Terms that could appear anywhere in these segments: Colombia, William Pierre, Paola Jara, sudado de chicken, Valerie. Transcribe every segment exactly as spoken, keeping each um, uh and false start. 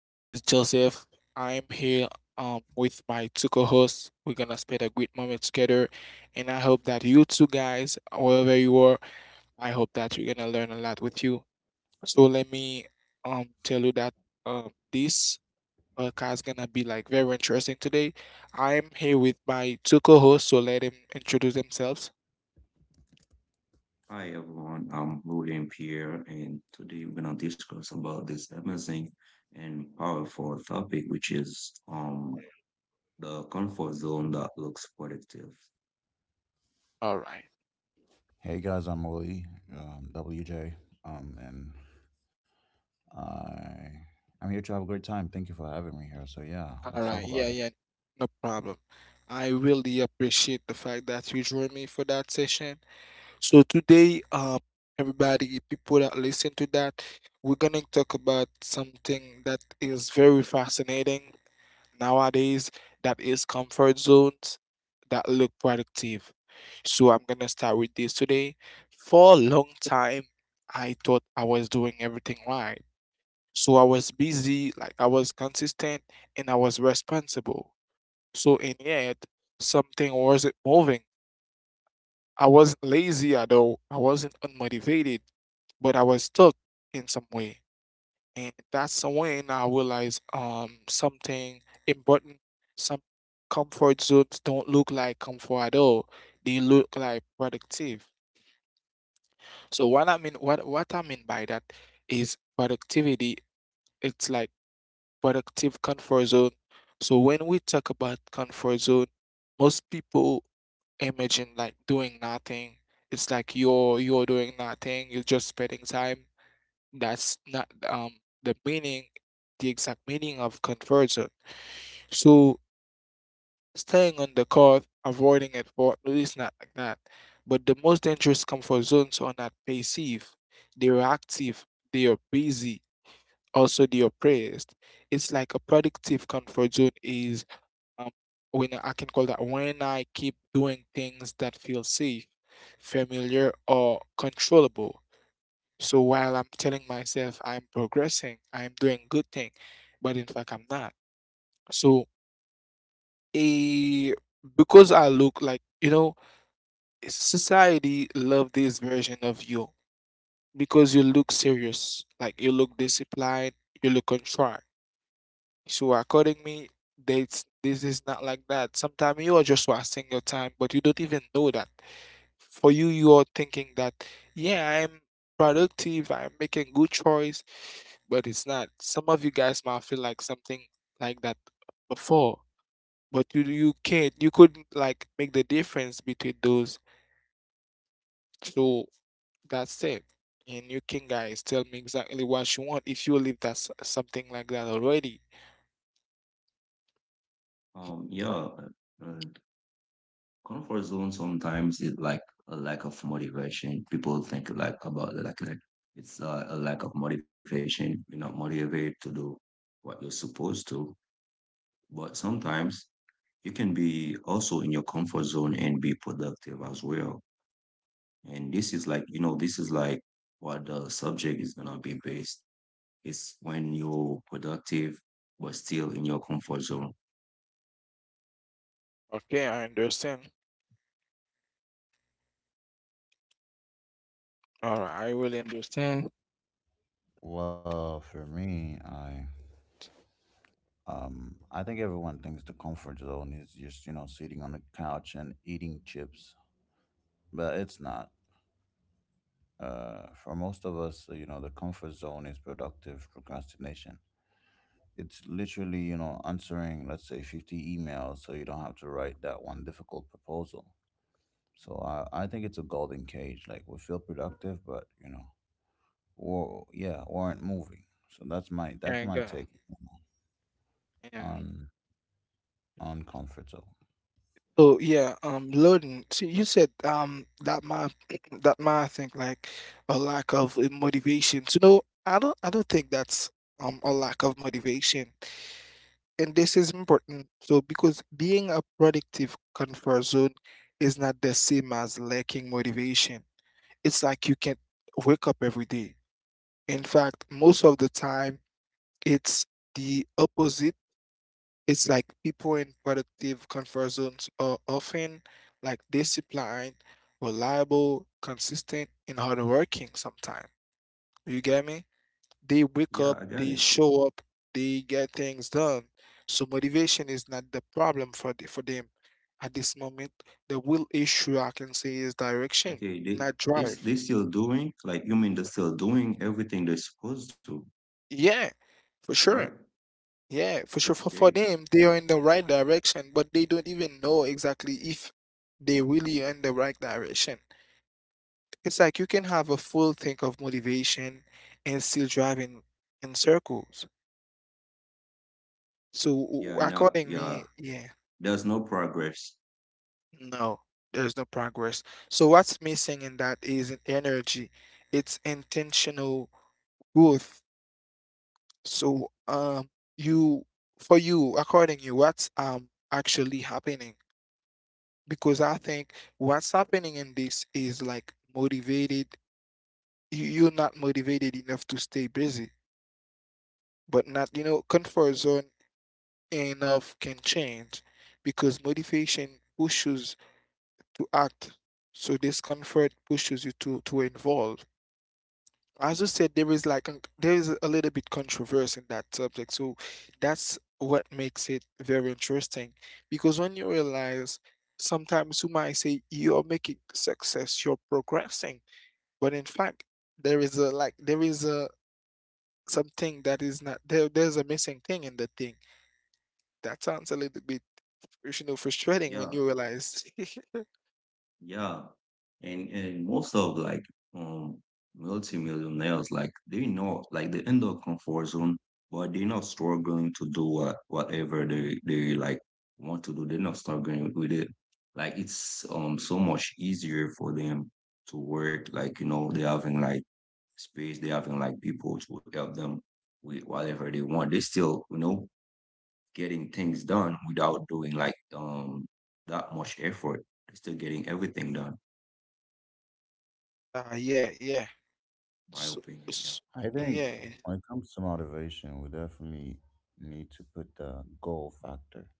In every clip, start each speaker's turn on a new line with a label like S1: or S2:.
S1: This is Joseph. I'm here um, with my two co-hosts. We're gonna spend a great moment together, and I hope that you two guys, wherever you are, I hope that you're gonna learn a lot with you. So let me um tell you that um this podcast is gonna be like very interesting today. I'm here with my two co-hosts, so let them introduce themselves.
S2: Hi everyone, I'm William Pierre, and today we're gonna discuss about this amazing and powerful topic, which is um the comfort zone that looks productive.
S1: All right.
S3: Hey guys, I'm Willie, um, W J, um, and I I'm here to have a great time. Thank you for having me here. So yeah,
S1: All
S3: let's talk
S1: right,
S3: about
S1: yeah,
S3: it.
S1: yeah, no problem. I really appreciate the fact that you joined me for that session. So today, um, everybody, people that listen to that, we're gonna talk about something that is very fascinating nowadays. That is comfort zones that look productive. So I'm gonna start with this today. For a long time, I thought I was doing everything right. So I was busy, like I was consistent, and I was responsible. So in yet something wasn't moving. I wasn't lazy at all. I wasn't unmotivated, but I was stuck in some way. And that's when I realized um something important. Some comfort zones don't look like comfort at all. They look like productive. So what I mean what what I mean by that is productivity. It's like productive comfort zone. So when we talk about comfort zone, most people imagine like doing nothing. It's like you're you're doing nothing. You're just spending time. That's not um the meaning, the exact meaning of conversion. So staying on the court, avoiding it, or at least not like that. But the most dangerous comfort zones are not passive. They are active. They are busy. Also, they are praised. It's like a productive comfort zone is um, when I can call that when I keep doing things that feel safe, familiar, or controllable. So while I'm telling myself I'm progressing, I'm doing good thing, but in fact I'm not. So a because I look like you know society love this version of you because you look serious, like you look disciplined, you look contrite. So according me, this this is not like that. Sometimes you are just wasting your time, but you don't even know that. For you, you are thinking that, yeah, I'm productive, I'm making good choice, but it's not. Some of you guys might feel like something like that before, but you you can't. You couldn't like make the difference between those. So that's it. And you can guys tell me exactly what you want if you live that s- something like that already.
S2: Um, yeah, uh, uh, comfort zone sometimes is like a lack of motivation. People think like about it, like like it's uh, a lack of motivation. You're not motivated to do what you're supposed to, but sometimes you can be also in your comfort zone and be productive as well. And this is like, you know, this is like what the subject is gonna be based. It's when you're productive but still in your comfort zone.
S1: Okay, I understand. All right, I really understand.
S3: Well, for me, I um I think everyone thinks the comfort zone is just you know sitting on the couch and eating chips, but it's not. Uh, for most of us, you know, the comfort zone is productive procrastination. It's literally you know answering let's say fifty emails so you don't have to write that one difficult proposal. So I, I think it's a golden cage. Like we feel productive, but you know, or yeah, we aren't moving. So that's my that's
S1: And
S3: my
S1: uh,
S3: take
S1: yeah.
S3: on on comfort zone.
S1: So yeah, um, loading. So you said um that my that my think like a lack of uh, motivation. So no, I don't I don't think that's um a lack of motivation. And this is important. So because being a productive comfort zone is not the same as lacking motivation. It's like you can't wake up every day. In fact, most of the time it's the opposite. It's like people in productive comfort zones are often like disciplined, reliable, consistent, and hardworking sometimes. You get me? They wake
S2: Yeah, I
S1: up,
S2: got it.
S1: they show up, they get things done. So motivation is not the problem for the, for them. At this moment, the real issue I can say is direction,
S2: Okay, they
S1: not
S2: they s-
S1: drive.
S2: they still doing like you mean they're still doing everything they're supposed to,
S1: Yeah,
S2: right?
S1: for sure. Yeah,
S2: Okay.
S1: for sure. For, for them, they are in the right direction, but they don't even know exactly if they really in the right direction. It's like you can have a full think of motivation and still driving in circles. So
S2: Yeah,
S1: w-
S2: you know,
S1: according
S2: yeah.
S1: me, yeah,
S2: There's no progress.
S1: no, there's no progress. So what's missing in that is an energy. It's intentional growth. So um, you for you, according you, what's um actually happening? Because I think what's happening in this is like motivated. you- You're not motivated enough to stay busy, but not, you know, comfort zone enough can change because motivation pushes to act. So discomfort pushes you to to involve. As you said, there is like an- there is a little bit controversy in that subject. So that's what makes it very interesting because when you realize sometimes you might say you're making success, you're progressing. But in fact, there is a like there is a something that is not there. There's a missing thing in the thing. That sounds a little bit you know frustrating when
S2: Yeah,
S1: you realize.
S2: yeah. And and most of like um multimillionaires, like they know like they in their comfort zone, but they're not struggling to do what whatever they they like want to do. They're not struggling with it. Like it's um so much easier for them to work. Like, you know, they having like space, they having like people to help them with whatever they want. They still, you know, getting things done without doing like um that much effort. They're still getting everything done.
S1: Uh, yeah, yeah.
S2: My
S1: So,
S2: opinion.
S1: so-
S2: Yeah,
S3: I think
S1: yeah,
S3: when it comes to motivation, we definitely need to put the goal factor.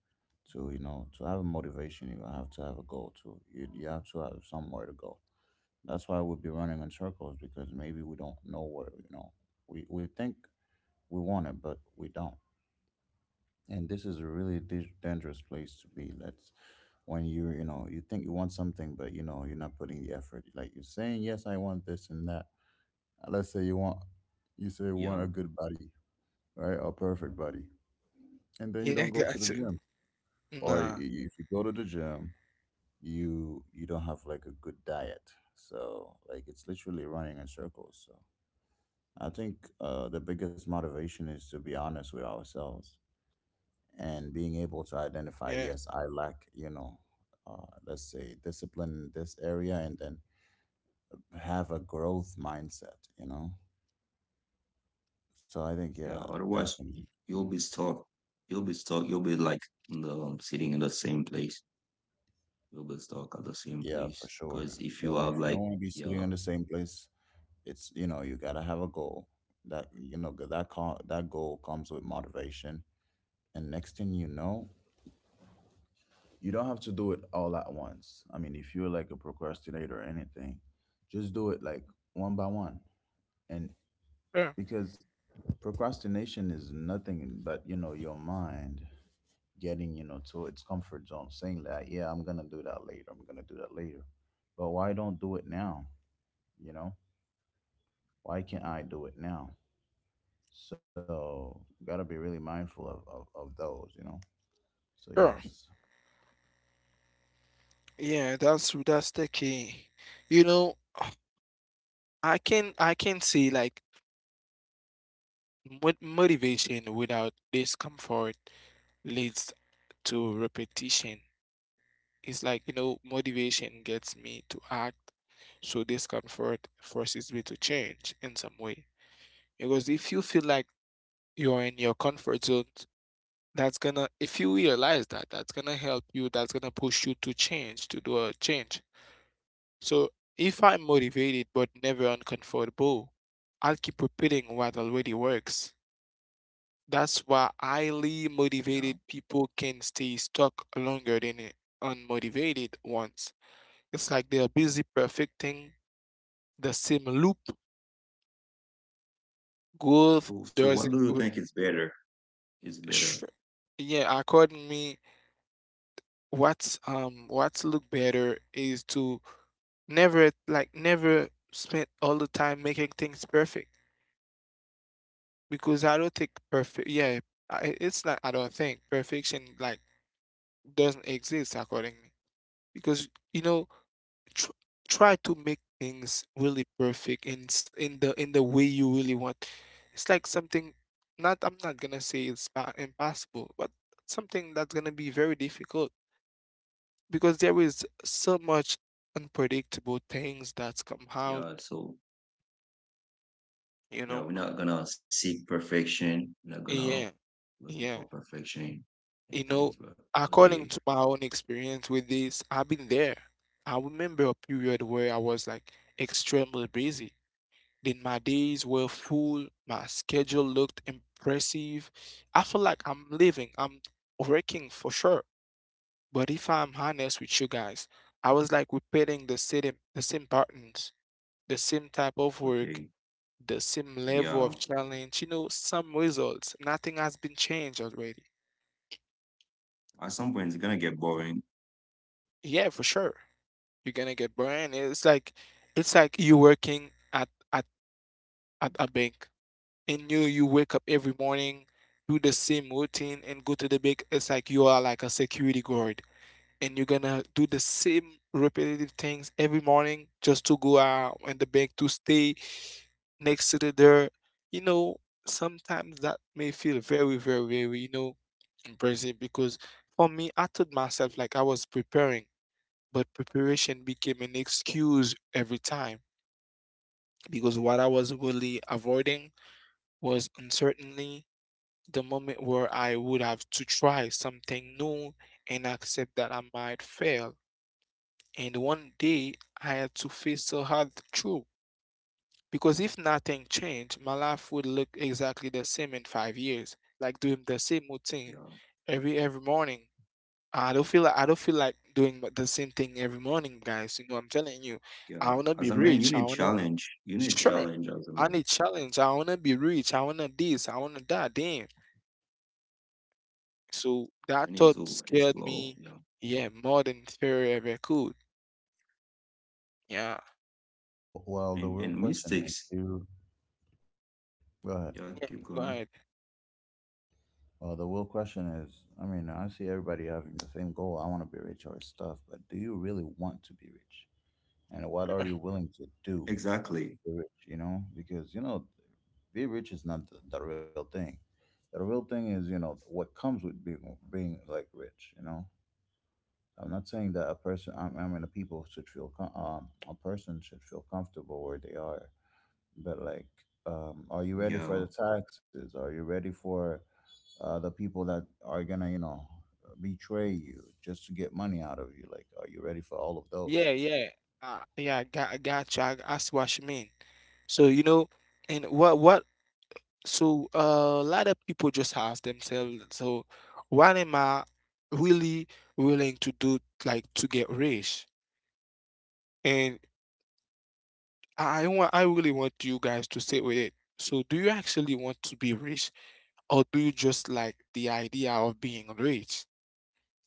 S3: To you know, to have a motivation, you have to have a goal. To you, you have to have somewhere to go. That's why we'll be running in circles because maybe we don't know where. You know, we we think we want it, but we don't. And this is a really di- dangerous place to be. That's when you you know you think you want something but you know you're not putting the effort, like you're saying yes I want this and that. Uh, let's say you want, you say you want a
S2: yeah,
S3: good body, right, a perfect body, and then you
S1: yeah.
S3: don't go to the
S1: Gotcha.
S3: gym, or i-
S1: Nah.
S3: i- if you go to the gym you you don't have like a good diet. So like it's literally running in circles. So I think uh, the biggest motivation is to be honest with ourselves and being able to
S1: Yeah.
S3: identify, yes I lack you know uh, let's say discipline in this area, and then have a growth mindset, you know. So I think yeah,
S2: yeah. Otherwise,
S3: definitely
S2: you'll be stuck. You'll be stuck. You'll be like in the, um, sitting in the same place. You'll be stuck at the same
S3: yeah, for
S2: place.
S3: sure.
S2: Because if you
S3: So
S2: have
S3: if you don't
S2: like
S3: want to be sitting
S2: yeah,
S3: in the same place, it's you know you gotta have a goal that you know, 'cause that co- that goal comes with motivation. And next thing you know, you don't have to do it all at once. I mean if you're like a procrastinator or anything, just do it like one by one. And
S1: Yeah.
S3: because procrastination is nothing but you know your mind getting you know to its comfort zone, saying that yeah I'm gonna do that later, I'm gonna do that later. But why don't do it now, you know, why can't I do it now? So gotta be really mindful of, of, of those you know. So
S1: Yeah.
S3: yes,
S1: Yeah. That's that's the key. You know, I can I can see like mo- motivation without discomfort leads to repetition. It's like, you know, motivation gets me to act, so discomfort forces me to change in some way. Because if you feel like you're in your comfort zone, that's gonna, if you realize that, that's gonna help you, that's gonna push you to change, to do a change. So if I'm motivated but never uncomfortable, I'll keep repeating what already works. That's why highly motivated
S2: yeah.
S1: people can stay stuck longer than unmotivated ones. It's like they are busy perfecting the same loop. Growth
S2: So, so
S1: doesn't.
S2: what do
S1: w-
S2: you think is better? Is
S1: sh-
S2: better.
S1: Yeah, according me, what's um what's look better is to never like never spend all the time making things perfect because I don't think perfect. Yeah, I, it's not. I don't think perfection like doesn't exist according me because you know tr- try to make things really perfect in s- in the in the way you really want. It's like something not I'm not gonna say it's pa- impossible, but something that's gonna be very difficult because there is so much unpredictable things that's come out,
S2: Yeah. So
S1: you know.
S2: yeah, we're not gonna seek perfection. We're not gonna
S1: Yeah,
S2: looking
S1: yeah.
S2: for perfection
S1: You
S2: and
S1: know,
S2: things. But
S1: according
S2: okay,
S1: to my own experience with this, I've been there. I remember a period where I was like extremely busy. Then my days were full, my schedule looked impressive. I feel like I'm living, I'm working for sure. But if I'm honest with you guys, I was like repeating the same the same patterns, the same type of work,
S2: okay.
S1: the same level
S2: Yeah.
S1: of challenge, you know, some results. Nothing has been changed already.
S2: At some point, it's gonna get boring.
S1: Yeah, for sure. You're gonna get burned. It's like it's like you working at at, at a bank and you you wake up every morning, do the same routine and go to the bank, it's like you are like a security guard and you're gonna do the same repetitive things every morning just to go out in the bank to stay next to the door. You know, sometimes that may feel very, very, very, you know, embarrassing because for me, I told myself like I was preparing, but preparation became an excuse every time because what I was really avoiding was uncertainty, the moment where I would have to try something new and accept that I might fail. And one day I had to face the hard truth because if nothing changed, my life would look exactly the same in five years, like doing the same
S2: Yeah.
S1: routine every every morning. I don't feel like I don't feel like doing the same thing every morning, guys. You know, I'm telling you,
S2: Yeah,
S1: I wanna
S2: as a
S1: be
S2: man, you
S1: rich. I
S2: need
S1: wanna
S2: challenge. You need
S1: sure.
S2: challenge as a
S1: I
S2: man.
S1: need challenge. I wanna be rich. I wanna this. I wanna that. Damn. So
S2: We
S1: that
S2: need
S1: thought
S2: to
S1: scared
S2: explore.
S1: me,
S2: Yeah,
S1: yeah, more than theory ever could. Yeah,
S3: well the
S2: and
S3: real
S2: and
S3: question is
S2: mistakes.
S3: do go ahead.
S2: Yeah, keep
S1: go
S2: going.
S1: ahead.
S3: Well, the real question is, I mean I see everybody having the same goal, I want to be rich or stuff, but do you really want to be rich, and what are you willing to do
S2: Exactly.
S3: the rich, you know, because you know, be rich is not the, the real thing. The real thing is, you know, what comes with being being like rich. You know, I'm not saying that a person, I, I mean, a people should feel com- um a person should feel comfortable where they are, but like, um, are you ready for
S2: Yeah,
S3: the taxes? Are you ready for uh, the people that are gonna, you know, betray you just to get money out of you? Like, are you ready for all of
S1: Yeah,
S3: those?
S1: yeah, uh, yeah. got, gotcha. I, I see what you mean. So you know, and what, what? So uh, a lot of people just ask themselves, so what am I really willing to do, like to get rich? And I want, I really want you guys to sit with it. So do you actually want to be rich, or do you just like the idea of being rich?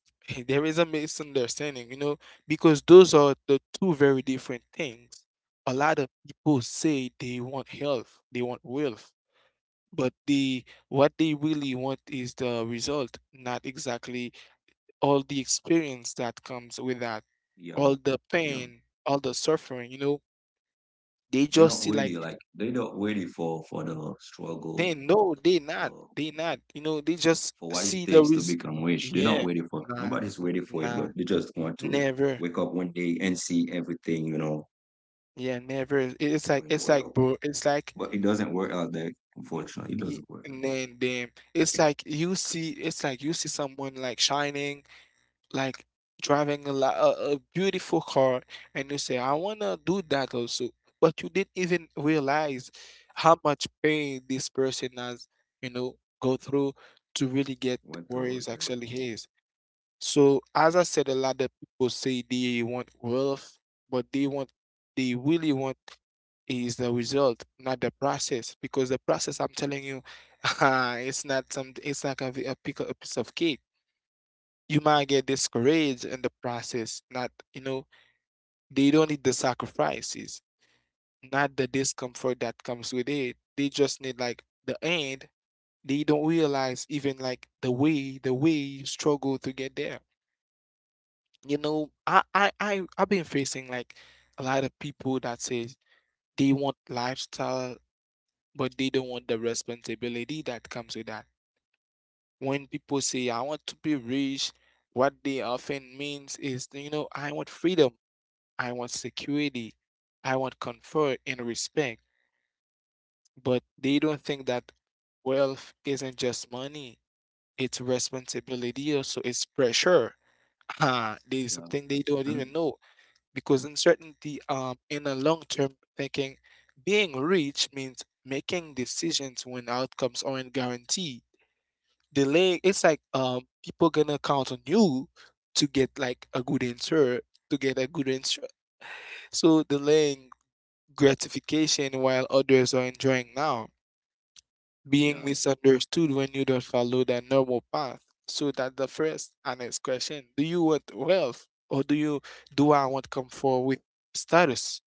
S1: There is a misunderstanding, you know, because those are the two very different things. A lot of people say they want health, they want wealth, but the what they really want is the result, not exactly all the experience that comes with that,
S2: yeah,
S1: all the
S2: yeah.
S1: pain, all the suffering, you know. They
S2: They're
S1: just
S2: not
S1: see like
S2: ready. Like they're not ready for for the struggle,
S1: they no, they
S2: the
S1: not, they not, you know, they
S2: for what
S1: just
S2: it takes to
S1: see the
S2: become
S1: res
S2: rich. They're not ready
S1: yeah,
S2: for. Nobody's
S1: nah,
S2: ready for it, but they
S1: nah,
S2: just want to
S1: never.
S2: wake up one day and see everything, you know,
S1: Yeah, never. it- It's like
S2: going
S1: it's like
S2: well.
S1: bro. It's like
S2: But it doesn't work out that. Unfortunately, it
S1: y-
S2: doesn't work out that.
S1: and damn. It's like you see. It's like you see someone like shining, like driving a lot, a, a beautiful car, and you say, "I wanna do that also." But you didn't even realize how much pain this person has, you know, go through to really get
S2: Went through
S1: where
S2: it, guys.
S1: is actually his. So as I said, a lot of people say they want wealth, but they want they really want is the result, not the process. Because the process, I'm telling you, it's not some it's not gonna be a, pick, a piece of cake. You might get discouraged in the process. Not you know they don't need the sacrifices, not the discomfort that comes with it. They just need like the end. They don't realize even like the way the way you struggle to get there. You know, I I I I've been facing like a lot of people that says they want lifestyle, but they don't want the responsibility that comes with that. When people say I want to be rich, what they often means is, you know, I want freedom, I want security, I want comfort and respect, but they don't think that wealth isn't just money, it's responsibility also, it's pressure. Ah, there's
S2: Yeah.
S1: something they don't
S2: And
S1: even know. Because uncertainty, um, in a long-term thinking, being rich means making decisions when outcomes aren't guaranteed. Delay, it's like, um, people gonna count on you to get like a good answer to get a good answer. So delaying gratification while others are enjoying now,
S2: yeah,
S1: being misunderstood when you don't follow the normal path. So that the first honest question, do you want wealth, or do you do i want comfort with status?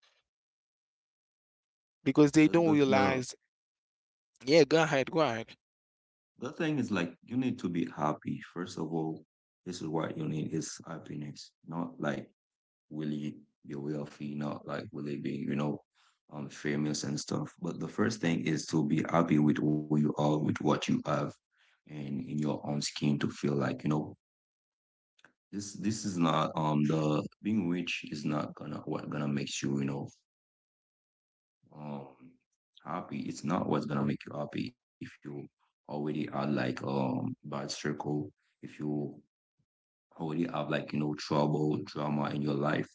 S1: Because they
S2: the,
S1: don't
S2: the the
S1: realize. Yeah, go ahead, go ahead.
S2: the thing is like you need to be happy. First of all, this is what you need is happiness, not like will you be wealthy, not like will it be, you know, um famous and stuff. But the first thing is to be happy with who you are, with what you have and in your own skin to feel like, you know, this this is not um the being rich is not gonna what gonna makes you, you know, um happy. It's not what's gonna make you happy if you already are like um bad circle, if you already have like you know trouble, drama in your life,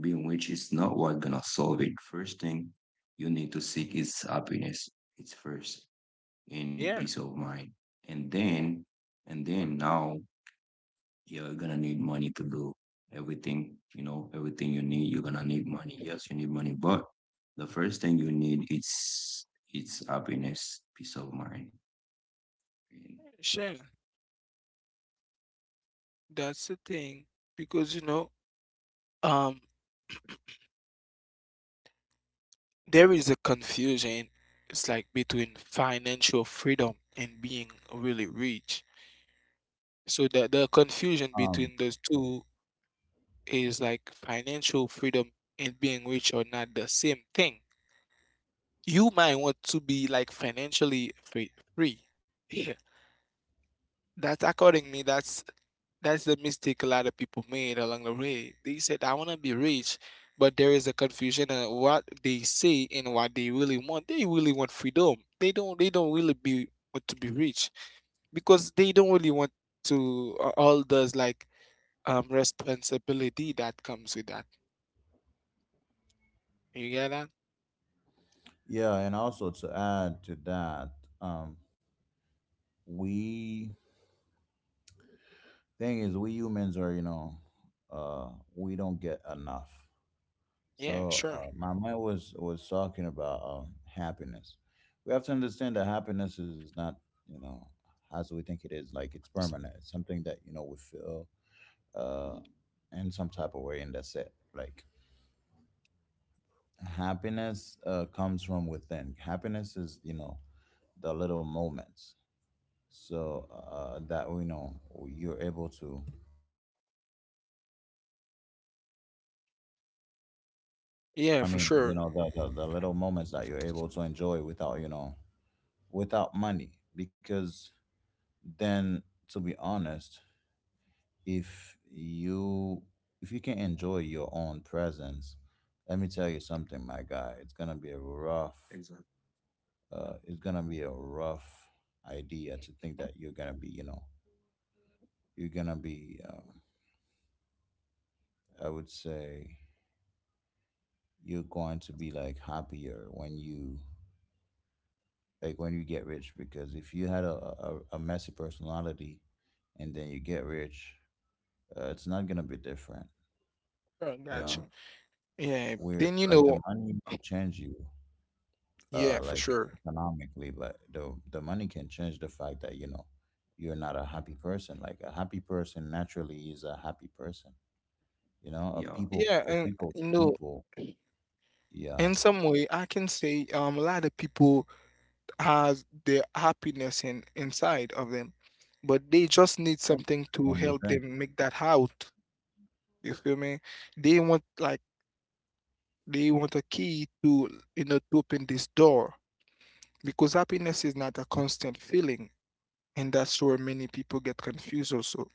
S2: being which is not what gonna solve it. First thing you need to seek is happiness. It's first in
S1: Yeah,
S2: peace of mind. And then and then now you're gonna need money to do everything you know everything you need you're gonna need money yes you need money but the first thing you need is it's happiness peace of mind.
S1: sure. That's the thing. Because, you know, um, there is a confusion. It's like between financial freedom and being really rich. So the the confusion between
S3: Um,
S1: those two is like financial freedom and being rich are not the same thing. You might want to be like financially free, free. Yeah. That's according me, that's That's the mistake a lot of people made along the way. They said, I want to be rich, but there is a confusion on what they say and what they really want. They really want freedom. They don't they don't really be want to be rich because they don't really want to, uh, all those like um responsibility that comes with that. You get that?
S3: yeah, and also to add to that, um, we thing is we humans are you know uh we don't get enough.
S1: Yeah,
S3: So
S1: sure.
S3: uh, my mind was was talking about um, happiness. We have to understand that happiness is not you know as we think it is, like it's permanent, it's something that you know we feel uh in some type of way and that's it. Like happiness uh comes from within. Happiness is you know the little moments. So uh that we know you're able to,
S1: Yeah,
S3: I
S1: for
S3: mean,
S1: sure.
S3: you know, the, the, the little moments that you're able to enjoy without, you know, without money. Because then, to be honest, if you, if you can enjoy your own presence, let me tell you something, my guy. It's gonna be a rough.
S2: Exactly.
S3: Uh, it's gonna be a rough idea to think that you're gonna be, you know, you're gonna be. Um, I would say you're going to be like happier when you, like when you get rich. Because if you had a, a, a messy personality and then you get rich, uh, it's not gonna be different,
S1: Sure,
S3: you
S1: got
S3: know,
S1: you.
S2: Yeah,
S1: Yeah,
S3: where
S1: then you
S3: like the
S1: know,
S3: money will change you
S1: yeah,
S3: uh
S1: for
S3: like
S1: sure.
S3: economically, but the the money can change the fact that you know you're not a happy person. Like a happy person naturally is a happy person, you know, a
S2: yeah,
S3: people
S1: Yeah,
S3: a
S1: and
S3: people's
S1: you know,
S3: people. Yeah
S1: in some way, I can say um a lot of people has their happiness in inside of them, but they just need
S3: Yeah,
S1: something to
S3: from
S1: help
S3: within.
S1: them make that out. You feel me? They want like, they want a key to, you know, to open this door. Because happiness is not a constant feeling, and that's where many people get confused also.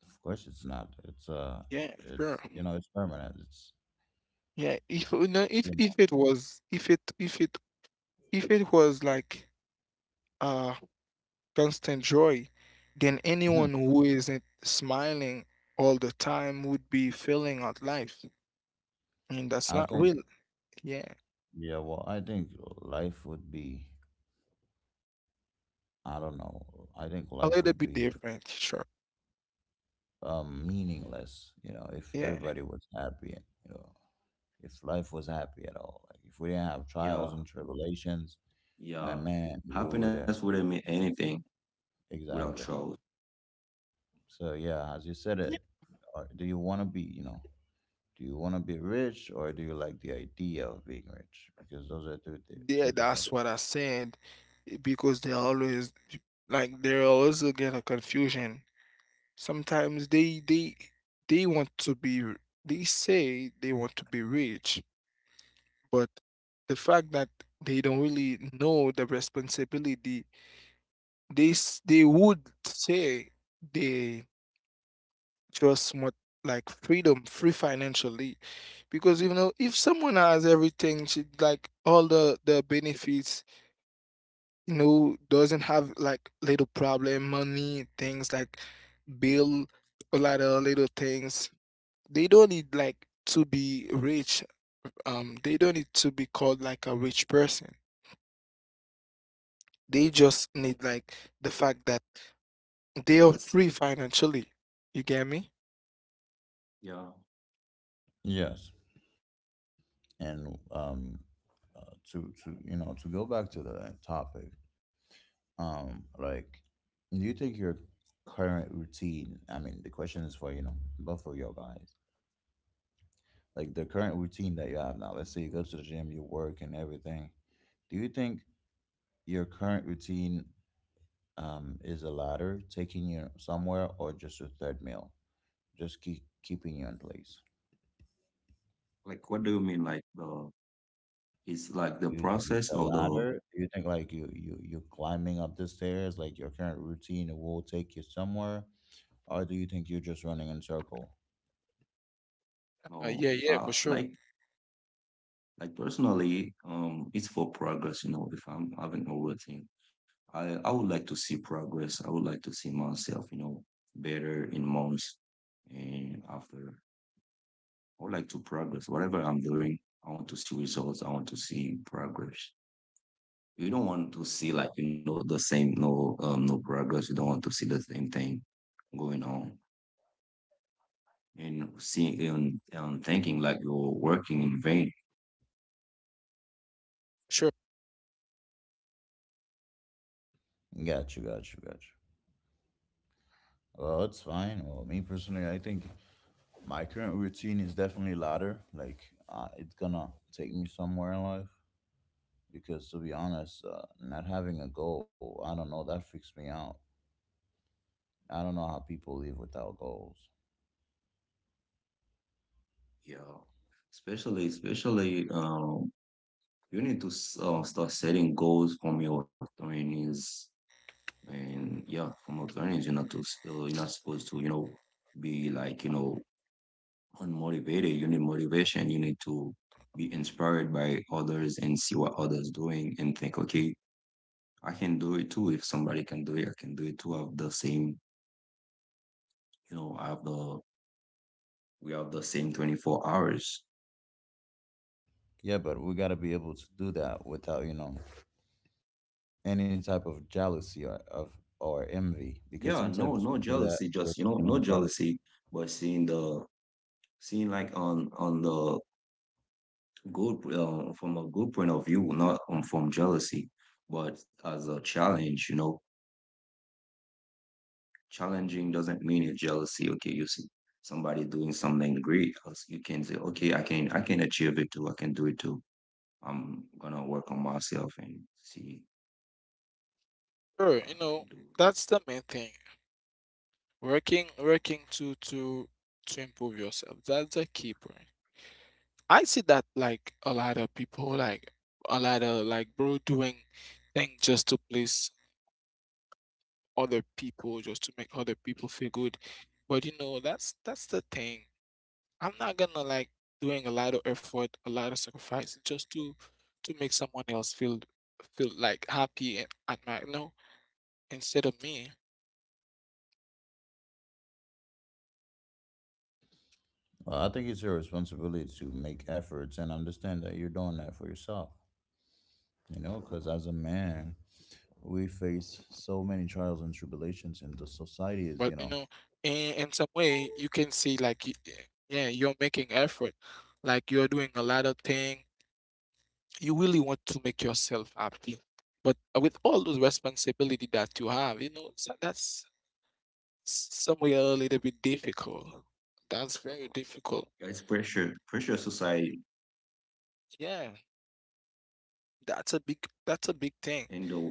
S3: Of course it's not, it's uh
S1: Yeah, sure.
S3: it's you know it's permanent, it's,
S1: Yeah,
S3: it's
S1: if you know, if
S3: you
S1: if it was if it if it if it was like, uh constant joy, then
S3: know.
S1: anyone who isn't smiling all the time would be failing at life. And that's
S3: I
S1: not
S3: think,
S1: real. Yeah.
S3: yeah, well, I think life would be, I don't know, I think life
S1: A
S3: would
S1: little bit
S3: be
S1: different, sure.
S3: um, meaningless, you know, if
S1: Yeah.
S3: everybody was happy, and you know, if life was happy at all. Like, if we didn't have trials and
S2: yeah,
S3: tribulations, my
S2: yeah,
S3: man, we would have.
S2: happiness wouldn't mean anything
S3: Yeah,
S2: without
S3: exactly.
S2: trust.
S3: So, yeah, as you said
S1: Yeah.
S3: it, are- do you want to be, you know, do you want to be rich or do you like the idea of being rich? Because those are two, di-
S1: Yeah,
S3: two different.
S1: that's what I said. eh, Because they always, like they always get a confusion. Sometimes they they they want to be r- they say they want to be rich, but the fact that they don't really know the responsibility. They s- they would say they just want like freedom, free financially, because you know if someone has everything, she like all the the benefits, you know, doesn't have like little problem, money, things like bill, a lot of little things. They don't need like to be rich. Um, they don't need to be called like a rich person. They just need like the fact that they are free financially. You get me?
S2: Yeah,
S3: Yes. and um, uh, to to you know to go back to the topic, um, like, do you think your current routine? I mean, the question is for you know both of your guys. Like the current routine that you have now. Let's say you go to the gym, you work, and everything. Do you think your current routine um, is a ladder taking you somewhere, or just a third meal, just keep keeping you in place?
S2: like what do you mean like the it's like
S3: Do
S2: the
S3: you think it's a
S2: process or the
S3: ladder? Do you think like you you you climbing up the stairs, like your current routine will take you somewhere, or do you think you're just running in circle?
S1: Uh,
S2: no
S1: yeah, yeah,
S2: uh,
S1: for sure,
S2: like. Like personally, um, it's for progress. You know, if I'm having overthink, I I would like to see progress. I would like to see myself, you know, better in months and after. I would like to progress. Whatever I'm doing, I want to see results. I want to see progress. You don't want to see like you know the same no um no progress. You don't want to see the same thing going on and seeing and um, thinking like you're working in vain.
S1: sure,
S3: Gotcha, gotcha, gotcha. Well, it's fine. Well, me personally, I think my current routine is definitely ladder. Like, uh, it's gonna take me somewhere in life because, to be honest, uh, not having a goal, I don't know, that freaks me out. I don't know how people live without goals.
S2: Yeah, especially especially um you need to uh, start setting goals from your trainings and yeah from your trainings you're not to uh, you're not supposed to you know be like you know unmotivated. You need motivation. You need to be inspired by others and see what others doing and think, okay, I can do it too. If somebody can do it, I can do it too. I have the same, you know, I have the we have the same twenty-four hours.
S3: Yeah, but we gotta be able to do that without, you know, any type of jealousy or of or envy, because
S2: Yeah, no
S3: sometimes we
S2: no
S3: do that
S2: jealousy,
S3: with
S2: just you
S3: you
S2: know
S3: know
S2: no
S3: jealousy.
S2: jealousy, but seeing the seeing like on on the good, uh, from a good point of view, not um, from jealousy, but as a challenge, you know. Challenging doesn't mean it's jealousy. Okay, you see somebody doing something great, else you can say, okay, I can I can achieve it too. I can do it too. I'm gonna work on myself and see what
S1: sure.
S2: I
S1: You
S2: can
S1: know,
S2: do with it.
S1: that's the main thing. Working, working to to to improve yourself. That's the key point. I see that like a lot of people, like a lot of like bro doing things just to please other people, just to make other people feel good. But you know, that's that's the thing. I'm not gonna like doing a lot of effort, a lot of sacrifice just to to make someone else feel feel like happy at my no instead of me.
S3: Well, I think it's your responsibility to make efforts and understand that you're doing that for yourself. You know,
S1: Sure.
S3: because as a man, we face
S1: But you
S3: so
S1: know,
S3: many trials and
S1: in in some
S3: tribulations, and the
S1: way, you can
S3: society is
S1: see
S3: you
S1: like,
S3: know.
S1: y- eh, yeah, you're making effort. Like you're doing a lot of thing. You really want to make yourself happy. But with all those responsibility that you have, you know, so that's s- some way a little bit
S2: Yeah, it's
S1: difficult.
S2: pressure,
S1: That's
S2: pressure
S1: very
S2: society,
S1: difficult. Yeah,
S2: and
S1: that's a big
S2: yeah,
S1: that's a big
S2: we we
S1: thing.
S2: need to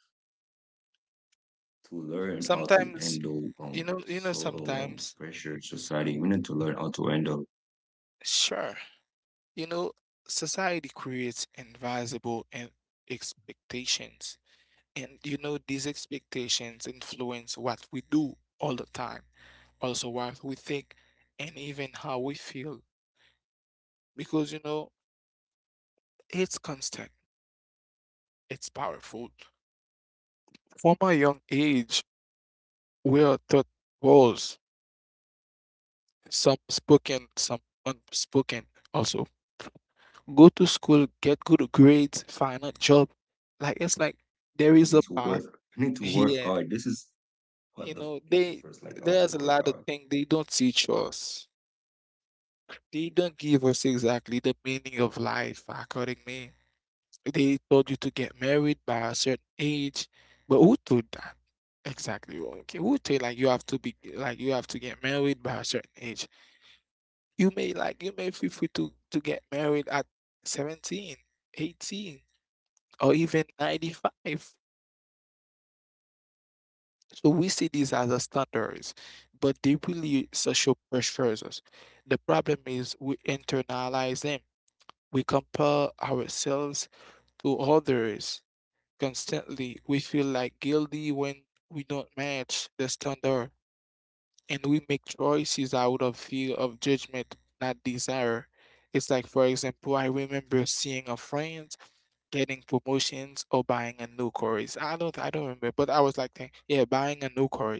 S2: to learn how to handle um so
S1: Sometimes,
S2: uh,
S1: you know,
S2: pressure
S1: you know,
S2: society. We need to
S1: sometimes,
S2: learn how to handle.
S1: sure. You know, society creates invisible and expectations. And you know, these expectations influence what we do all the time, also what we think, and even how we feel. Because you know, it's constant, it's powerful. From a young age, we are taught roles, some spoken, some unspoken, also. Go to school, get good grades, find a job. Like, it's like
S2: I need
S1: there
S2: to
S1: is a
S2: work.
S1: path
S2: I need to work hard.
S1: here.
S2: This is what the
S1: You know,
S2: teacher
S1: they
S2: first like how to
S1: there's a
S2: work
S1: lot
S2: hard.
S1: of things they don't teach us. They don't give us exactly the meaning of life, according me. They told you to get married by a certain age, but who told that? Exactly. Okay, who told like you have to be like you have to get married by a certain age? You may like you may feel free to to get married at seventeen, eighteen, or even ninety-five. So we see these as a standards, but they really social pressures us. The problem is we internalize them. We compare ourselves to others constantly. We feel like guilty when we don't match the standard, and we make choices out of fear of judgment, not desire. It's like, for example, I remember seeing a friend getting promotions or buying a new car. I don't, I don't remember, but I was like, think- yeah, buying a new car.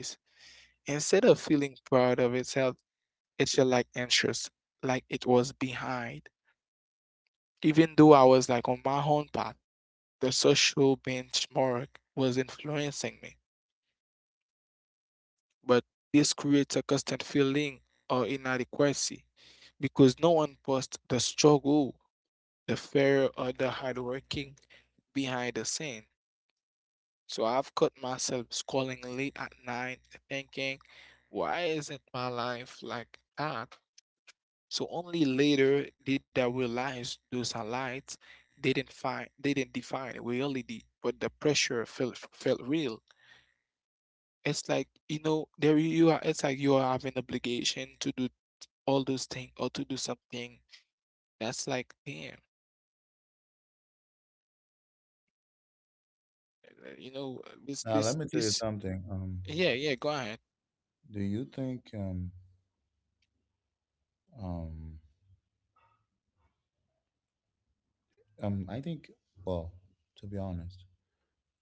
S1: Instead of feeling proud of itself, it felt like anxious, like it was behind. Even though I was like on my own path, the social benchmark was influencing me. But this creates a constant feeling of inadequacy because no one posts the struggle, the fear, or the hard working behind the scene. So I've caught myself scrolling late at night, thinking, why isn't my life like that? So only later did I realize those highlights didn't find didn't define reality, but the pressure felt felt real. It's like you know there you are. It's like you are having obligation to do all those things or to do something that's like damn, uh, you know, uh, this
S3: Now, let
S1: this
S3: me tell you
S1: this.
S3: something. Um,
S1: Yeah, yeah. Go ahead.
S3: do you think um um um I think well, To be honest,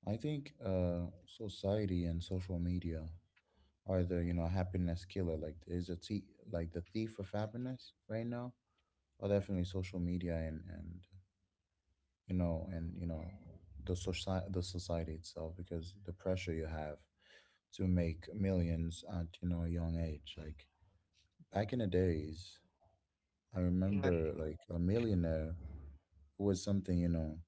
S3: I think uh society and social media are the you know happiness killer, like is a t- like the thief of happiness right now, or definitely social media and and you know and you know the society, the society itself, because the pressure you have to make millions at you know a young age. Like back in the days, I
S1: And then
S3: remember like a millionaire was something, you know,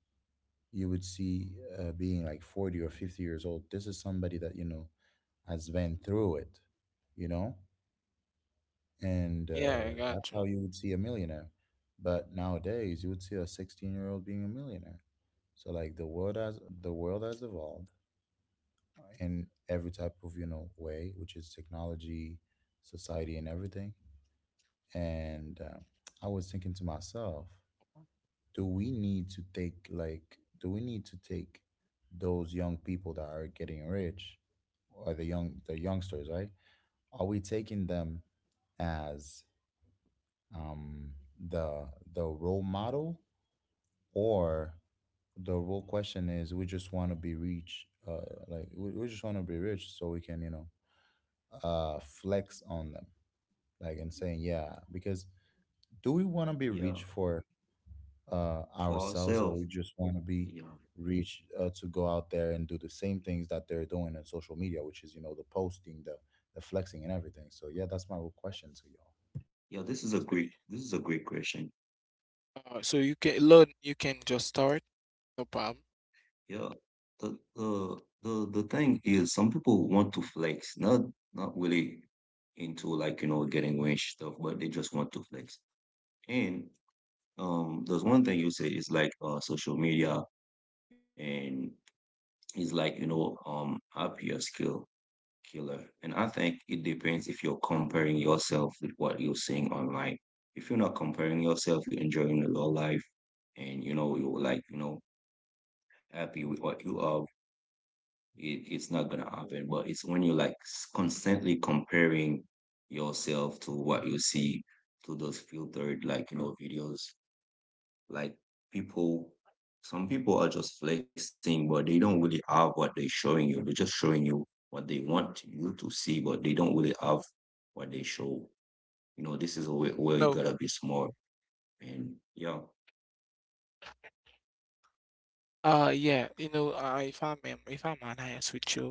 S3: you would see uh, being like forty or fifty years old. This is somebody that you know has been through it, you know. And
S1: yeah, I
S3: uh,
S1: got
S3: that's
S1: you.
S3: how you would see a millionaire. But nowadays, you would see a sixteen-year-old being a millionaire. So like the world has the world has evolved uh, in every type of you know way, which is technology, society, and everything. And uh, I was thinking to myself, do we need to take, like do we need to take those young people that are getting rich, or the young the youngsters, right? Are we taking them as um, the the role model, or the real question is we just want to be rich uh, like we, we just want to be rich so we can you know uh, flex on them, like and saying yeah, because do we want to be rich
S2: Yeah,
S3: for uh, ourselves,
S2: for
S3: or we just
S2: ourselves.
S3: want to be
S2: Yeah,
S3: rich uh, to go out there and do the same things that they're doing on social media, which is you know the posting, the the flexing and everything. So yeah, that's my real question to y'all.
S2: yeah. This is a
S1: It's
S2: great.
S1: pretty
S2: This is a great question.
S1: Uh, so you can learn. You can just start. No problem.
S2: Yeah, the the the the thing is, some people want to flex, not not really into like you know getting rich stuff, but they just want to flex. And um, there's one thing you say is like uh social media and is like you know um happier skill killer. And I think it depends if you're comparing yourself with what you're seeing online. If you're not comparing yourself, you're enjoying the low life and you know, you're like, you know, happy with what you have, it, it's not gonna happen. But it's when you're like constantly comparing yourself to what you see to those filtered like, you know, videos like people, some people are just flexing, but they don't really have what they're showing you. They're just showing you what they want you to see, but they don't really have what they show. You know, this is a way where
S1: No.
S2: you gotta be smart and yeah,
S1: Uh, yeah. You know, uh, if I'm if I'm honest with you,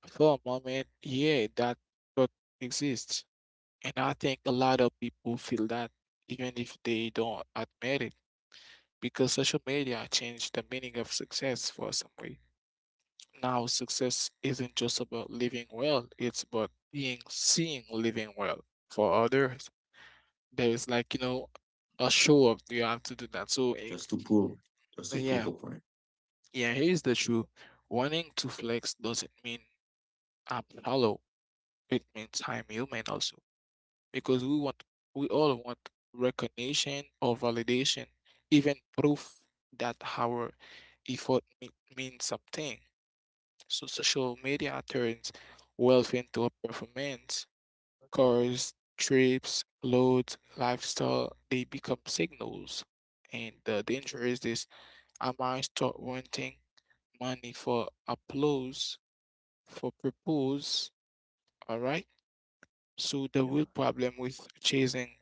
S1: for a moment, yeah, that thought exists. And I think a lot of people feel that even if they don't admit it, because social media changed the meaning of success for some way. Now, success isn't just about living well, it's about being seen living well for others. There is like, you know, a show up, you have to do that. So, eh,
S2: just to prove, just to prove
S1: yeah,
S2: a point.
S1: yeah, here's the truth. Wanting to flex doesn't mean I'm hollow, it means I'm human also. Because we want, we all want recognition or validation, even proof that our effort me- means something. So social media turns wealth into a performance. Cars, trips, clothes, lifestyle, they become signals. And the danger is this: I might start wanting money for applause, for purpose, all right? So the
S2: Yeah,
S1: real problem with chasing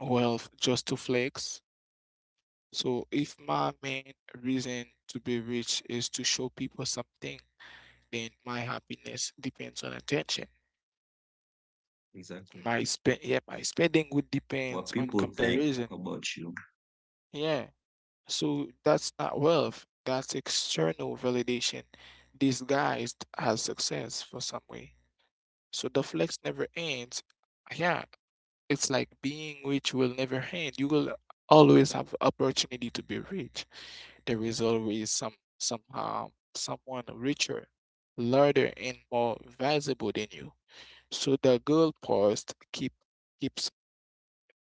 S1: wealth just to flex, so if my main reason to be rich is to show people something, then my happiness depends on attention.
S2: exactly.
S1: My spend Yeah, my spending would depends
S2: What
S1: on
S2: people think
S1: comparison.
S2: about you.
S1: Yeah. So that's not wealth. That's external validation disguised as success for some way. So the flex never ends. Yeah. It's like being rich will never end. You will always have opportunity to be rich. There is always some some, um, someone richer, larger and more valuable than you. So the goalpost keep keeps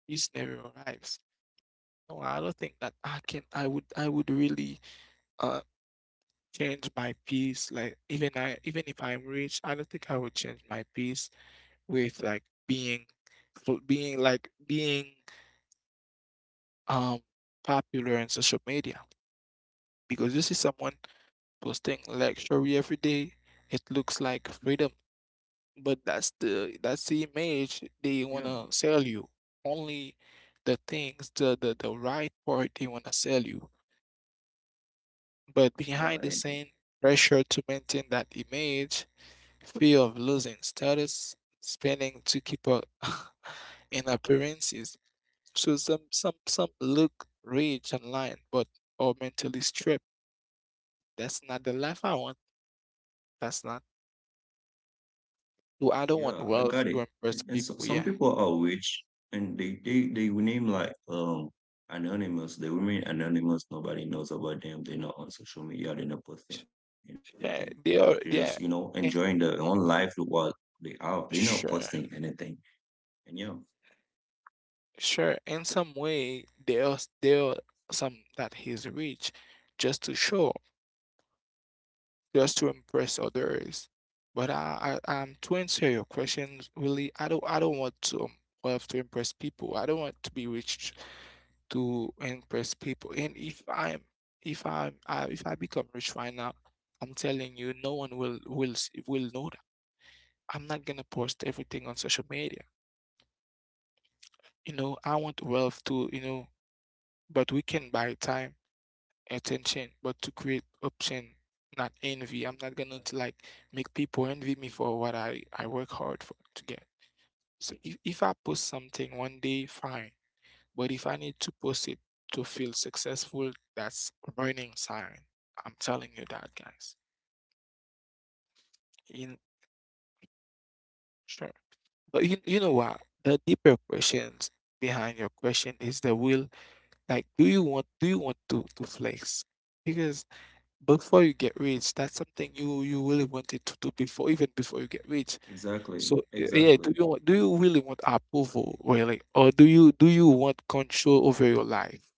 S1: prisoner arrives. No, I don't think that I can I would I would really uh change my piece. Like even I even if I'm rich, I don't think I would change my piece with like being fo- being like being um popular on social media, because this is someone posting luxury every day. It looks like freedom, but that's the that's the image they
S2: Yeah,
S1: wanna sell you. Only the things, the the, the right part they wanna sell you. But behind
S2: yeah,
S1: the
S2: and
S1: scene, pressure to maintain that image, fear of losing status, spending to keep up in appearances. So some some some look rich online, but are mentally stripped. That's not the life I want. That's not so I don't want
S2: yeah, I
S1: wealth
S2: got
S1: to
S2: it.
S1: impress
S2: And so,
S1: people.
S2: some
S1: Yeah,
S2: people are rich and they they they will name like um anonymous. They remain anonymous. Nobody knows about them. They're not on social media. They're not
S1: Sh-
S2: posting anything.
S1: yeah,
S2: They're just
S1: they
S2: you
S1: are.
S2: know
S1: Yeah,
S2: enjoying their own
S1: and
S2: life with what they have. They're not posting
S1: sure,
S2: anything. And yeah,
S1: sure. In some way, there are there are some that he's rich, just to show, just to impress others. But I, I, um, to answer your questions, really, I don't, I don't want to, um, wealth to impress people. I don't want to be rich to impress people. And if I'm, if I'm, I, if I become rich right now, I'm telling you, no one will will s- will know. I'm not gonna post everything on social media. You know, I want wealth to, you know, but we can buy time, attention, but to create option, not envy. I'm not gonna to, like make people envy me for what I, I work hard for to get. So if, if I post something one day, fine. But if I need to post it to feel successful, that's warning sign. I'm telling you that, guys. In sure. But you, you know what? The deeper questions behind your question is the will. Like, do you want do you want to to flex? Because before you get rich, that's something you you really wanted to do before, even before you get rich. So
S2: exactly,
S1: uh, yeah, do you
S2: exactly.
S1: want, do you really want approval really, or do you do you want control over your life?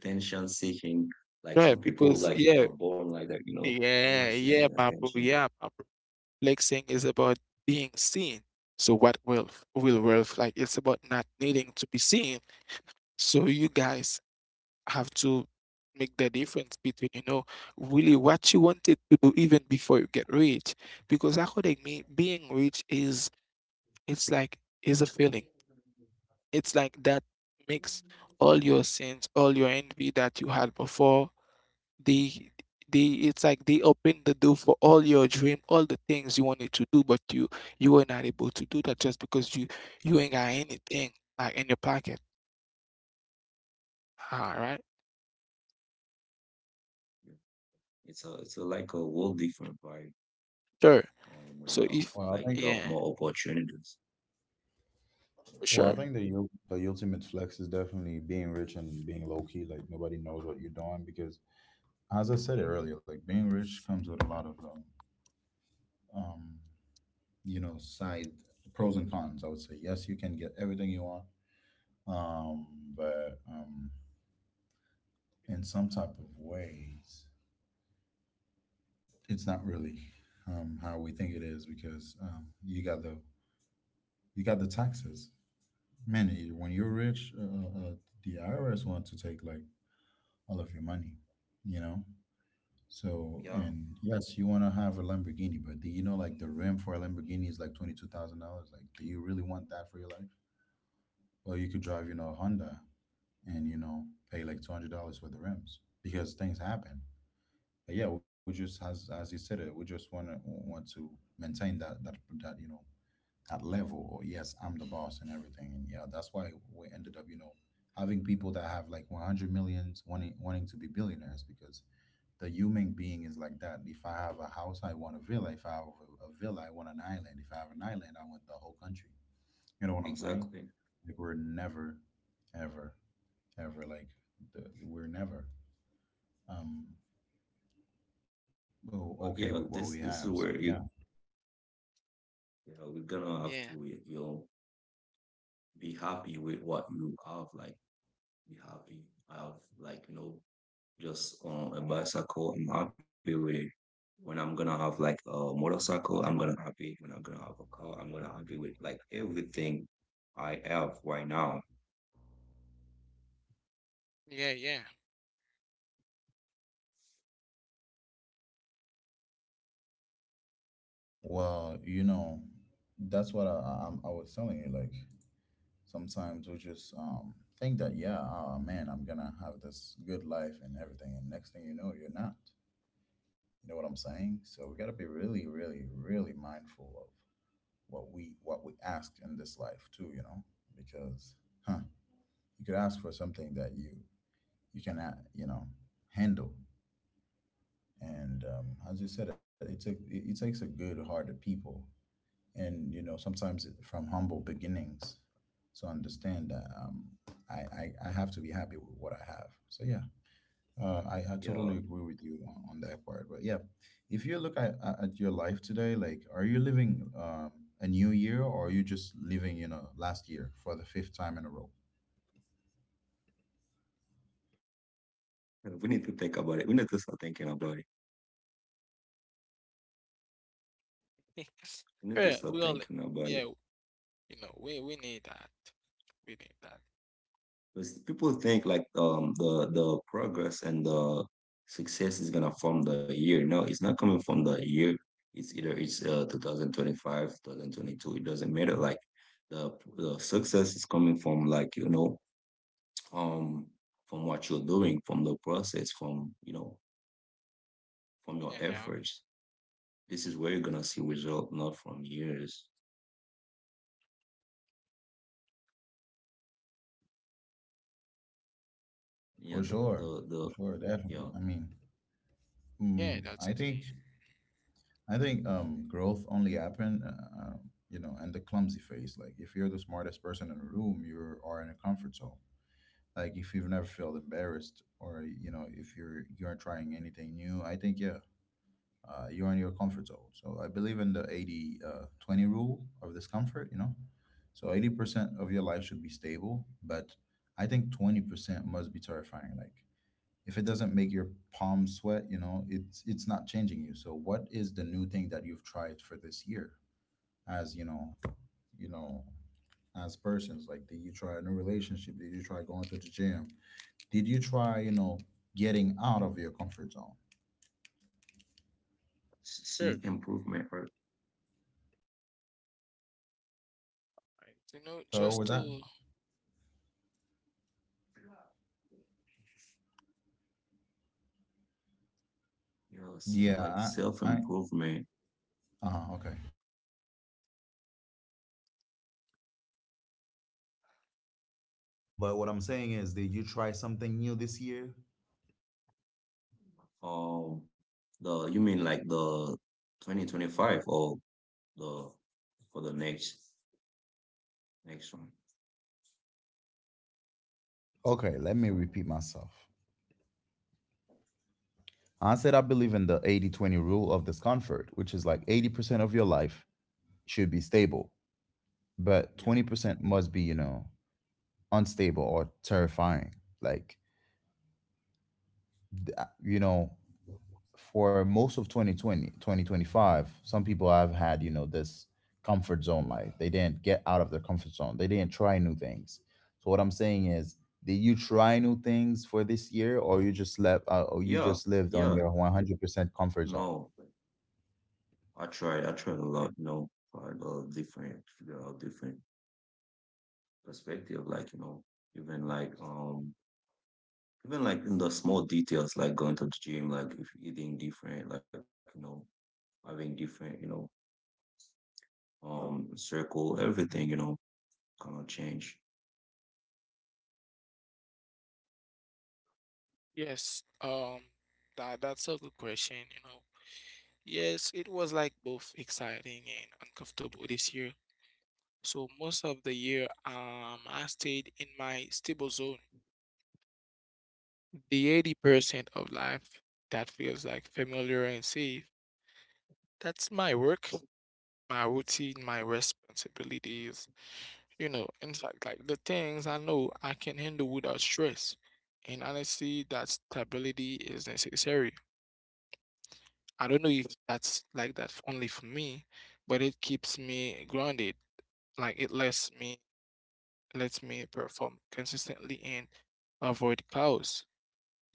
S2: Attention seeking. Like
S1: Right?
S2: some
S1: Because
S2: people like
S1: yeah,
S2: are born like that. You know,
S1: yeah,
S2: always
S1: yeah,
S2: seeking
S1: my bro,
S2: attention.
S1: yeah, my bro. Flexing is about being seen. So what wealth will wealth like? It's about not needing to be seen. So you guys have to make the difference between, you know, really what you wanted to do even before you get rich. Because according me, being rich is it's like is a feeling. It's like that makes all your sins, all your envy that you had before, they they it's like they open the door for all your dream, all the things you wanted to do, but you you were not able to do that just because you you ain't got anything like in your pocket. All right.
S2: It's a it's a like a whole different vibe.
S1: Sure.
S2: um, when
S1: So
S2: you're
S1: if
S3: well i
S2: like
S3: think
S2: you
S1: yeah,
S2: have more opportunities.
S1: for
S3: Well, I
S1: sure.
S3: think the ul- the ultimate flex is definitely being rich and being low key. Like nobody knows what you're doing because, as I said earlier, like being rich comes with a lot of um, um you know side, pros and cons. I would say yes, you can get everything you want, um, but um, in some type of ways, it's not really um, how we think it is, because um, you got the, you got the taxes. Man, you- when you're rich, uh, uh, the I R S wants to take like all of your money, you know. So,
S2: Yeah,
S3: and yes, you want to have a Lamborghini, but do you know, like, the rim for a Lamborghini is like twenty-two thousand dollars? Like, do you really want that for your life? Well, you could drive, you know, a Honda and, you know, pay like two hundred dollars for the rims, because things happen. But yeah, we just, as, as you said it, we just want to, want to maintain that, that, that, you know, that level. Or yes, I'm the boss and everything. And yeah, that's why we ended up, you know, having people that have like one hundred millions wanting wanting to be billionaires, because the human being is like that. If I have a house, I want a villa. If I have a, a villa, I want an island. If I have an island, I want the whole country. You know what I'm saying?
S2: exactly.
S3: Like, we're never, ever, ever like the, we're never um o- okay with
S2: But
S3: what
S2: yeah,
S3: we have.
S2: this
S3: So
S2: this is
S3: yeah.
S2: where you you know we're gonna have
S1: Yeah.
S2: to you know be happy with what you have. Like be happy. I have like you know just um, a bicycle. I'm happy with it. When I'm gonna have like a motorcycle, I'm gonna happy. When I'm gonna have a car, I'm gonna happy with like everything I have right now.
S1: Yeah, yeah.
S3: Well, you know that's what I, I I'm- I was telling you. Like, sometimes we just um think that, yeah, oh man, I'm gonna have this good life and everything, and next thing you know, you're not. You know what I'm saying? So we gotta be really, really, really mindful of what we, what we ask in this life too, you know. Because, huh, you could ask for something that you you can, uh, you know, handle. And, um, as you said it, it, took, it, it takes a good hearted people, and, you know, sometimes, it- from humble beginnings, to understand that, um, I, I I have to be happy with what I have. So yeah, uh, I I
S2: Yeah,
S3: totally agree with you on, on that part. But yeah, if you look at at at your life today, like, are you living, um, a new year, or are you just living, you know, last year for the fifth time in a row?
S2: we need to think about it. We need to start thinking about it. We need to
S1: Yeah,
S2: start
S1: we all,
S2: thinking about it.
S1: yeah, you know, we we need that. We need that.
S2: Because people think like um the the progress and the success is gonna from the year. No, it's not coming from the year. It's either it's uh two thousand twenty-five, twenty twenty-two. It doesn't matter. Like the the success is coming from like you know um from what you're doing, from the process, from you know from your
S1: Yeah, yeah, okay.
S2: efforts. This is where you're gonna see result, not from years.
S3: For
S2: Yeah, the
S3: sure,
S2: the,
S3: for
S2: the
S3: sure, definitely.
S2: yeah
S3: I mean,
S1: Yeah,
S3: mm,
S1: that's the
S3: I
S1: thing.
S3: think I think um, growth only happen, uh, uh, you know, and the clumsy phase. Like, if you're the smartest person in the room, you are in a comfort zone. Like, if you've never felt embarrassed, or, you know, if you're you're trying anything new, I think, yeah, uh, you're in your comfort zone. So I believe in the eighty uh, twenty rule of discomfort. You know, so eighty percent of your life should be stable, but I think twenty percent must be terrifying. Like, if it doesn't make your palms sweat, you know, it's it's not changing you. So what is the new thing that you've tried for this year? As you know, you know, as persons, like, did you try a new relationship? Did you try going to the gym? Did you try, you know, getting out of your comfort zone?
S2: see
S1: Sure.
S2: improvement or
S1: Right. You know,
S3: So what
S1: just
S3: was that?
S1: to,
S2: you know s- like
S3: Yeah,
S2: self
S3: I I
S2: improvement.
S3: uh okay. But what I'm saying is, did you try something new this year?
S2: Um, the you mean like the twenty twenty-five or the for the next next one?
S3: Okay, let me repeat myself. I said, I believe in the eighty twenty rule of discomfort, which is like eighty percent of your life should be stable, but
S2: Yeah,
S3: twenty percent must be, you know, unstable or terrifying. Like, you know, for most of twenty twenty twenty twenty five, some people have had, you know, this comfort zone life. They didn't get out of their comfort zone, they didn't try new things. So, what I'm saying is, did you try new things for this year, or you just left, uh, or you just
S2: yeah,
S3: lived on your
S2: yeah.
S3: one hundred percent comfort zone?
S2: No, I tried. I tried a lot. You know, tried a different figure out different perspective. Like you know, even like um, even like in the small details, like going to the gym, like if eating different, like you know, having different, you know, um, circle, everything, you know, kind of change.
S1: yes, um, that that's a good question, you know. Yes, it was like both exciting and uncomfortable this year. So most of the year, um, I stayed in my stable zone. The eighty percent of life that feels like familiar and safe, that's my work, my routine, my responsibilities, you know, in fact, like like the things I know I can handle without stress. And honestly, that stability is necessary. I don't know if that's like that f- only for me, but it keeps me grounded. Like it lets me lets me perform consistently and avoid chaos.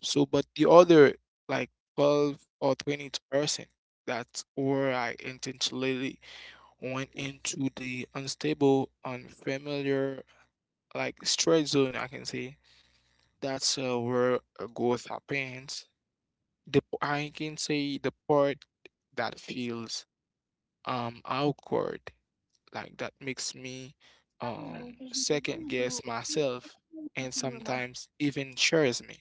S1: So, but the other like twelve or twenty percent, that's where I intentionally went into the unstable, unfamiliar, like straight zone, I can say. That's uh, where uh, growth happens. The p- I can say the part that feels um awkward, like that makes me um second guess myself and sometimes even shares me.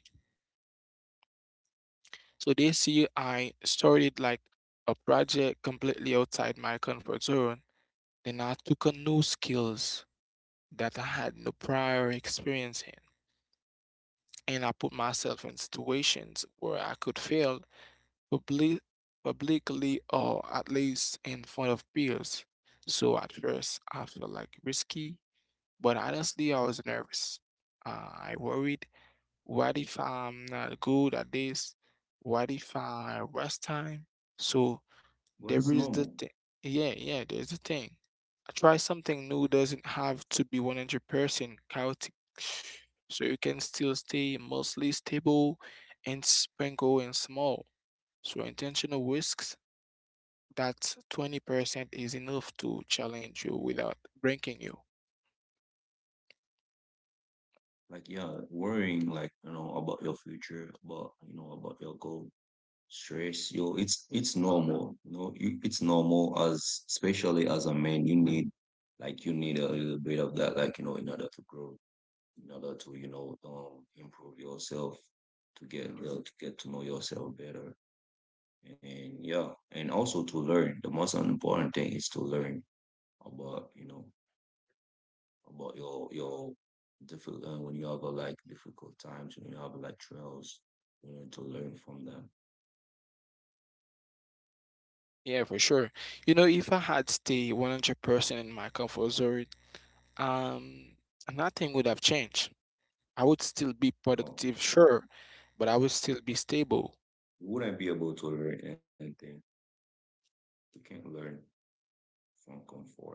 S1: So this year I started like a project completely outside my comfort zone. Then I took on new skills that I had no prior experience in, and I put myself in situations where I could fail publi- publicly or at least in front of peers. So at first, I felt like risky, but honestly, I was nervous. Uh, I worried, what if I'm not good at this? What if I waste time? So
S2: What
S1: there
S2: is
S1: is the
S2: normal?
S1: thing. Yeah, yeah, there's the thing. Try something new doesn't have to be one hundred percent chaotic. So you can still stay mostly stable and sprinkle and small. So intentional risks, that twenty percent is enough to challenge you without breaking you.
S2: Like yeah, worrying like you know about your future, about you know about your goal, stress. Yo, it's it's normal. You know, you, it's normal as especially as a man, you need like you need a little bit of that, like you know, in order to grow, in order to you know um improve yourself, to get uh, to get to know yourself better, and yeah, and also to learn. The most important thing is to learn about you know about your your difficult uh, when you have a, like difficult times when you have like trials, you know to learn from them.
S1: Yeah, for sure. You know, if I had stayed one hundred percent in my comfort zone, um, nothing would have changed. I would still be
S2: No,
S1: productive, sure, but I
S2: no,
S1: would still be stable.
S2: you wouldn't be able to learn anything. You can't learn from comfort.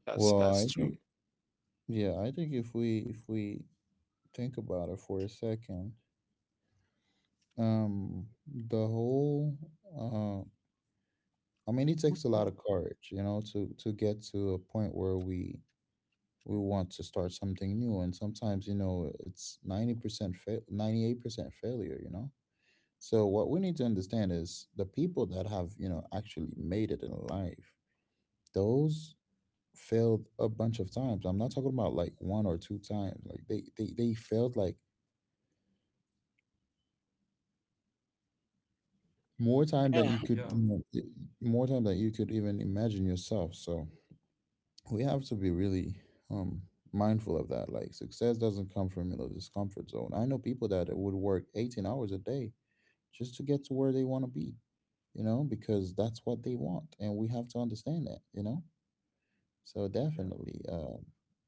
S1: That's
S3: Well,
S1: that's
S3: I
S1: true.
S3: think, Yeah, I think, if we if we think about it for a second. Um, the whole, uh, I mean, it
S1: Would
S3: takes a lot
S1: go-
S3: of courage, you know, to to get to a point where we we want to start something new. And sometimes, you know, it's ninety percent fa- ninety eight percent failure, you know. So what we need to understand is, the people that have, you know, actually made it in life, those failed a bunch of times. I'm not talking about like one or two times. Like, they they they failed like more time than
S1: Yeah,
S3: you
S2: Yeah,
S3: could, you know, i- more time than you could even imagine yourself. So we have to be really, um mindful of that. Like, success doesn't come from, you know, this comfort zone. I know people that would work eighteen hours a day just to get to where they want to be, you know, because that's what they want. And we have to understand that, you know. So
S2: yeah,
S3: definitely, um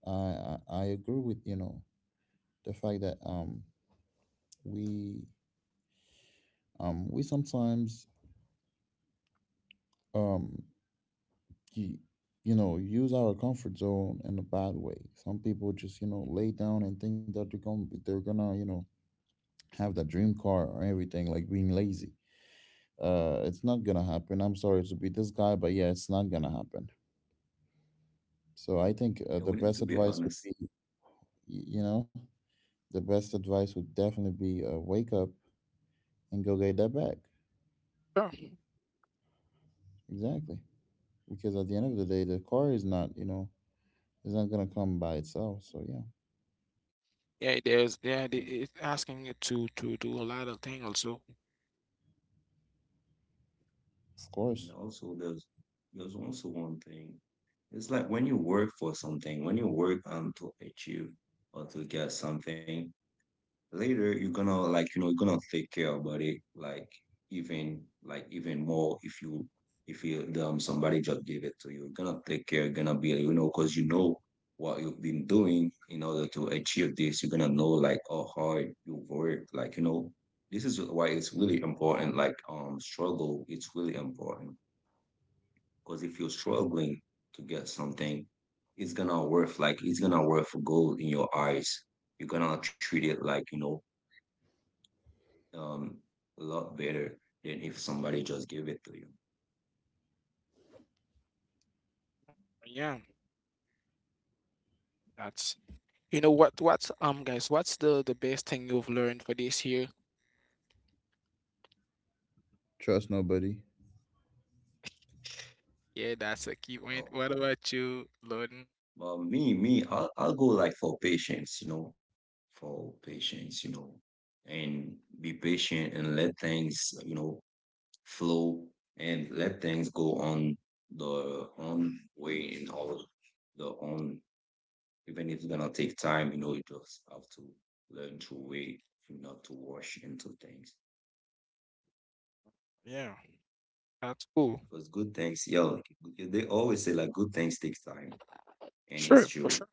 S3: i i, I agree with, you know, the fact that, um we, um we sometimes, um you, you know, use our comfort zone in a bad way. Some people just, you know, lay down and think that they're gonna they're gonna, you know, have that dream car or everything. Like, being lazy, uh it's not gonna happen. I'm sorry to be this guy, but yeah, it's not gonna happen. So I think, uh,
S2: yeah.
S3: the
S2: We need
S3: best
S2: to be
S3: advice would be
S2: honest,
S3: y- you know, the best advice would definitely be, uh, wake up and go get that bag.
S1: sure.
S3: Exactly, because at the end of the day, the car is not, you know, it's not gonna come by itself. So yeah.
S1: Yeah, there's yeah, the-
S2: and,
S1: it's asking you to to do a lot of things also.
S3: Of
S2: and
S3: course.
S2: also there's there's also one thing. It's like when you work for something, when you work um to achieve or to get something, later you're gonna like you know you're gonna take care about it, like even like even more if you if you um somebody just give it to you, you're gonna take care, you're gonna be, you know, because you know what you've been doing in order to achieve this. You're gonna know like how hard you work, like you know, this is why it's really important, like um struggle, it's really important, because if you're struggling to get something, it's gonna worth, like it's gonna worth gold in your eyes. You're gonna treat it, like you know, um, a lot better than if somebody just gave it to you.
S1: Yeah, that's you know what what's um guys, what's the the best thing you've learned for this year?
S3: Trust nobody.
S1: Yeah, that's a key point.
S2: Oh,
S1: What about you, Loden?
S2: well, me, me, I'll, I'll go like for patience, you know, for patience, you know, and be patient and let things, you know, flow and let things go on the own way and all the own, even if it's gonna take time, you know, you just have to learn to wait and not to rush into things.
S1: Yeah. That's cool.
S2: Because good things, yo, they always say like good things takes time, and it's
S1: Sure, for
S2: true.
S1: sure.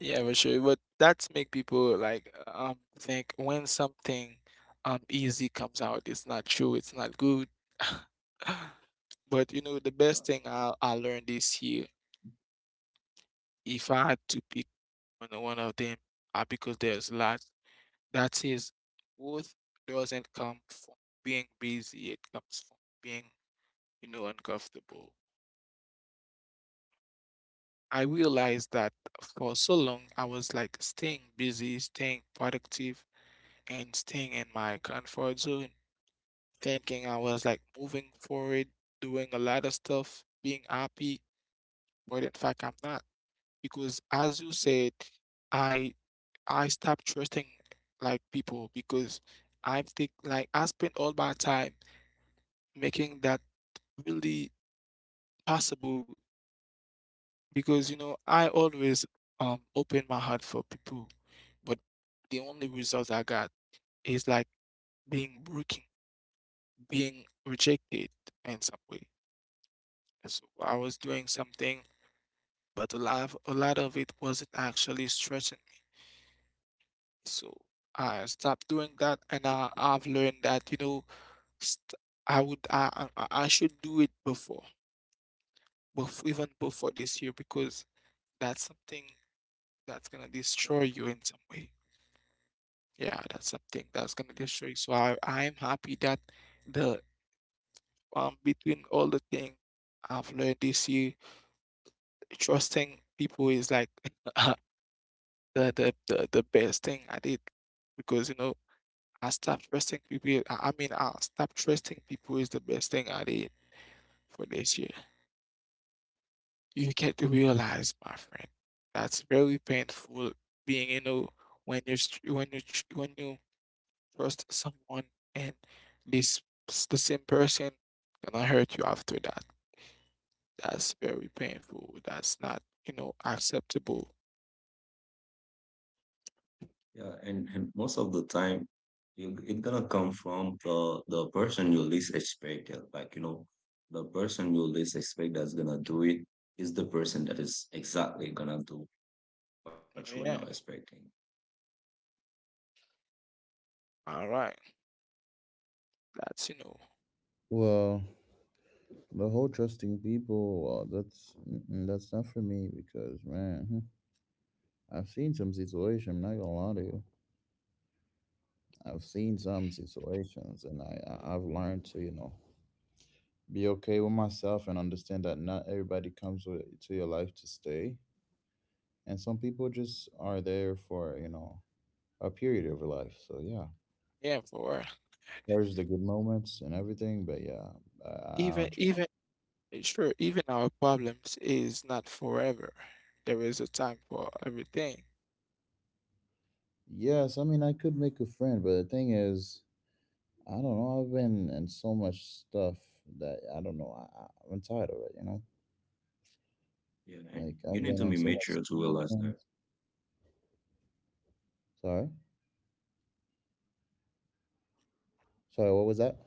S1: Yeah, for sure. But that's make people like um think when something um easy comes out, it's not true, it's not good. But you know, the
S2: Yeah,
S1: best thing I I learned this year, if I had to pick one one of them, uh, because there's lots. That is, growth doesn't come from being busy. It comes from being, you know, uncomfortable. I realized that for so long I was like staying busy, staying productive, and staying in my comfort zone, thinking I was like moving forward, doing a lot of stuff, being happy, but in fact I'm not. Because as you said, I I stopped trusting like people because I think like I spent all my time making that really possible because you know I always um open my heart for people, but the only result I got is like being broken, being rejected in some way. So I was doing something, but a lot of, a lot of it wasn't actually stretching me. So I stopped doing that, and I, I've learned that you know st- I would I, I I should do it before, before even before this year, because that's something that's gonna destroy you in some way. Yeah, that's something that's gonna destroy you. So I I am happy that the um between all the things I've learned this year, trusting people is like the, the the the best thing I did because you know I stopped trusting people. I, I mean, I stopped trusting people is the best thing I did for this year. You get to realize, my friend, that's very painful being you know when you when you when you trust someone and this s- the same person gonna hurt you after that. That's very painful. That's not, you know, acceptable.
S2: yeah, and, and most of the time, you it's gonna come from the the person you least expect it. Like you know, the person you least expect that's gonna do it is the person that is exactly gonna do what you were not
S1: Yeah.
S2: expecting.
S1: All right. That's, you know,
S3: Well, the whole trusting people, well, that's mm-mm, that's not for me, because man, hmm, I've seen some situations. I'm not gonna lie to you. I've seen some situations, and I I- I've learned to, you know, be okay with myself and understand that not everybody comes with, to your life, to stay, and some people just are there for, you know, a period of your life. So yeah,
S1: yeah, for
S3: there's the good moments and everything, but yeah, I, I I
S1: even
S3: don't trust.
S1: even sure, even our problems is not forever. There is a time for everything.
S3: Yes, I mean, I could make a friend, but the thing is, I don't know. I've been in so much stuff that I don't know. I, I- I'm tired of it, you know?
S2: Yeah, and
S3: Like,
S2: you
S3: I've
S2: need
S3: been
S2: to
S3: in
S2: be
S3: so much
S2: mature to realize
S3: things.
S2: that.
S3: Sorry? Sorry, what was that?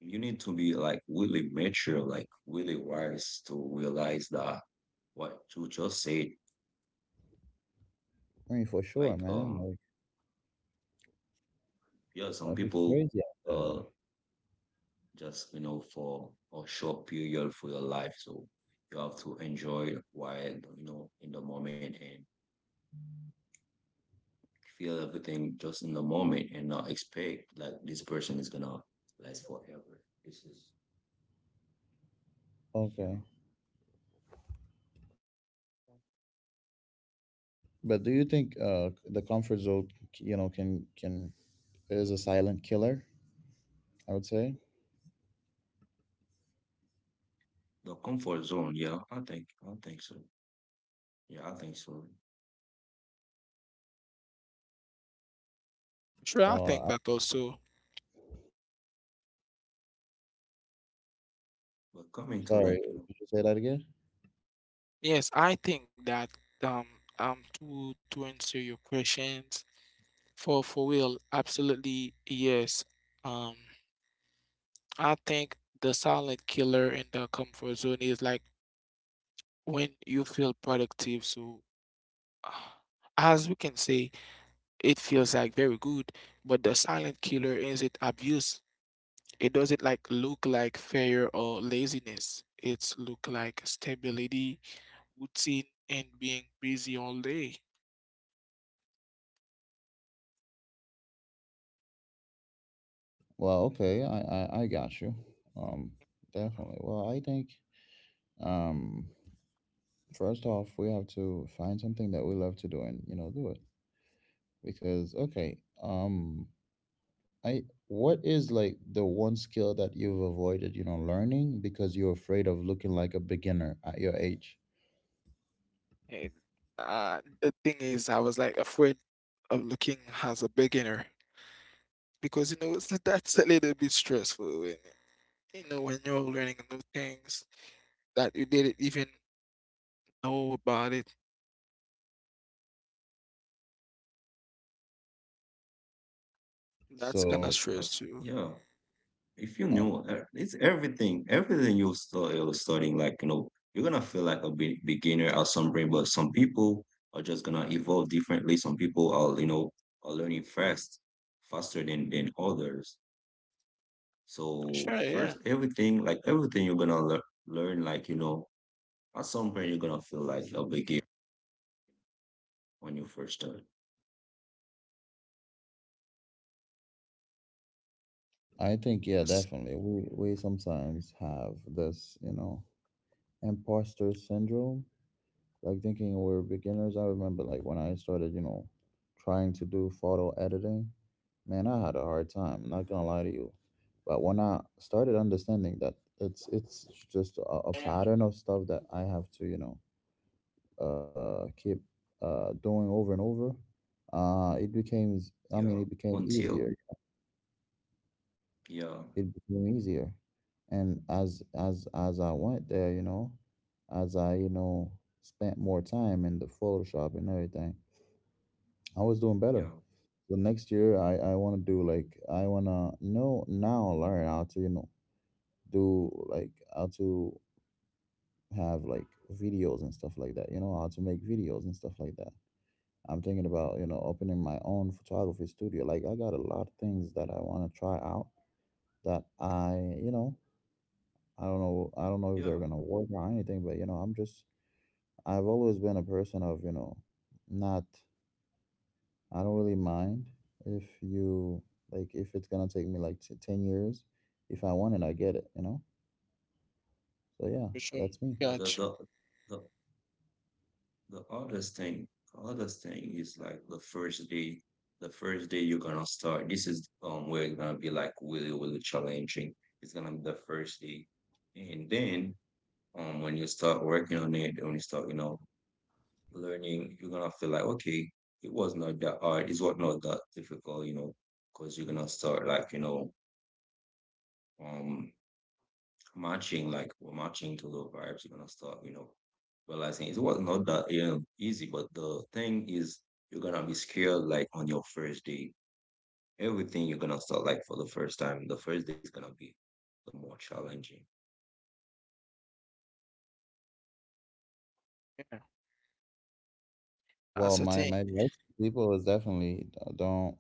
S2: You need to be like really mature, like really wise, to realize that what you just said,
S3: I mean, for
S2: like
S3: sure, man.
S2: um.
S3: Like,
S2: Yeah, some
S3: life is
S2: people
S3: crazy out there.
S2: uh just you know for a short period for your life, so you have to enjoy while you know in the moment and feel everything just in the moment and not expect like this person is gonna last forever. This is
S3: Okay.
S2: yeah
S3: But do you think, uh, the comfort zone, you know, can, can, is a silent killer, I would say?
S2: the comfort zone. Yeah, I think I think so. Yeah, I think so.
S1: Sure, I
S3: Uh,
S1: think
S3: I'm
S1: that also.
S2: But coming
S3: sorry.
S2: to like
S3: Did
S2: you
S3: you
S2: know
S3: say that again?
S1: Yes, I think that um um to to answer your questions for for real, absolutely yes. Um, I think the silent killer in the comfort zone is like when you feel productive. So, ah, as we can say, it feels like very good, but the silent killer is it abuse. It doesn't like look like failure or laziness. It's look like stability, routine, and being busy all day.
S3: Well, okay. I, I, I got you. Um, definitely. Well, I think, um, first off, we have to find something that we love to do, and, you know, do it. Because, okay, um I what is like the one skill that you've avoided, you know, learning because you're afraid of looking like a beginner at your age?
S1: And uh, the thing is, I was like afraid of looking as a beginner, because you know it's, like, that's a little bit stressful when you know when you're learning new things that you didn't even know about it.
S2: us,
S1: That's kind of
S2: yeah,
S3: So,
S1: stress too.
S2: if you knew e- it's
S3: um,
S2: everything everything you start you're studying, like you know you're gonna feel like a be- beginner at some point, but some people are just gonna evolve differently. Some people are, you know, are learning fast, faster than than others. So
S1: Sure,
S2: first
S1: yeah,
S2: everything, like everything you're gonna lear- learn, like you know, at some point you're gonna feel like a beginner when you first start.
S3: I think, yeah,
S1: that's
S3: definitely we we sometimes have this, you know, imposter syndrome, like thinking we are beginners. I remember, like, when I started, you know, trying to do photo editing, man, I had a hard time, not gonna lie to you. But when I started understanding that it's it's just a, a pattern of stuff that I have to, you know, uh keep uh doing over and over, uh it became, I mean,
S2: Yeah,
S3: it became
S2: until
S3: easier.
S2: yeah
S3: It became easier, and as as as I went there, you know, as I, you know, spent more time in the photoshop and everything, I was doing better.
S2: yeah
S3: So next year, I I want to do, like, I want to know, now, learn how to, you know, do like, how to have like videos and stuff like that, you know, how to make videos and stuff like that. I'm thinking about, you know, opening my own photography studio. Like, I got a lot of things that I want to try out, that I, you know, I don't know. I don't know if they're
S2: yeah
S3: gonna work or anything, but, you know, I'm just. I've always been a person of, you know, not. I don't really mind if you, like, if it's gonna take me like t- ten years. If I want it, I get it. You know. So yeah,
S1: for sure.
S3: that's me.
S2: yeah the, the,
S1: Gotcha.
S2: the The hardest thing, hardest thing is like the first day, the first day you're gonna start. This is um where it's gonna be like really, really challenging. It's gonna be the first day. And then um when you start working on it, when you start, you know, learning, you're gonna feel like, okay, it was not that hard, it's was not that difficult, you know, because you're gonna start like, you know, um matching, like we're matching to the vibes, you're gonna start, you know, realizing it was not that um, easy, but the thing is, you're gonna be scared like on your first day. Everything you're gonna start like for the first time, the first day is gonna be the more challenging.
S1: Yeah,
S3: Well,
S1: that's the
S3: my my
S1: thing.
S3: advice to people is, definitely, d- don't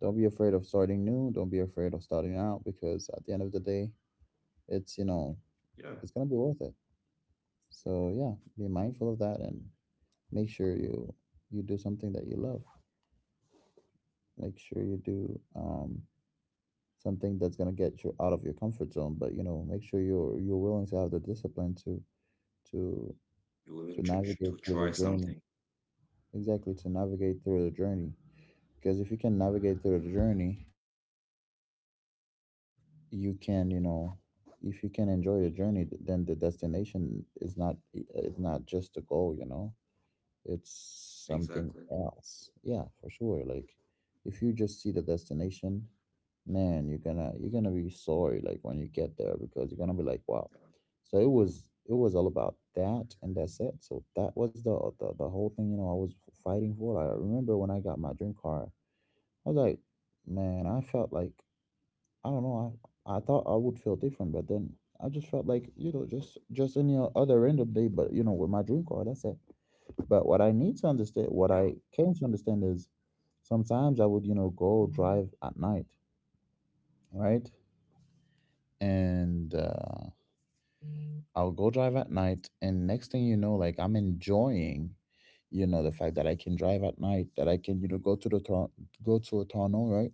S3: don't be afraid of starting new. Don't be afraid of starting out, because at the end of the day, it's, you know,
S2: Yeah,
S3: it's gonna be worth it. So yeah, be mindful of that, and make sure you you do something that you love. Make sure you do, um, something that's gonna get you out of your comfort zone. But, you know, make sure you're you're willing to have the discipline to to
S2: you're
S3: to
S2: willing to,
S3: navigate
S2: to
S3: through the
S2: try
S3: journey.
S2: something.
S3: Exactly, to navigate through the journey. Because if you can navigate through the journey, you can, you know, if you can enjoy the journey, th- then the destination is not is not just a goal. You know, it's something
S2: Exactly.
S3: else. Yeah, for sure. Like, if you just see the destination, man, you're gonna you're gonna be sorry, like, when you get there, because you're gonna be like, wow, so it was it was all about that. And that's it. So that was the the, the whole thing, you know, I was fighting for. I remember when I got my dream car, I was like, man, I felt like, I don't know, I I thought I would feel different, but then I just felt like, you know, just just any o- other random day, but, you know, with my dream car. That's it. But what I need to understand, what
S2: Yeah,
S3: I came to understand is, sometimes I would, you know, go drive at night, right. And, uh, I'll go drive at night. And next thing you know, like, I'm enjoying, you know, the fact that I can drive at night, that I can, you know, go to the tor, go to a tunnel, right?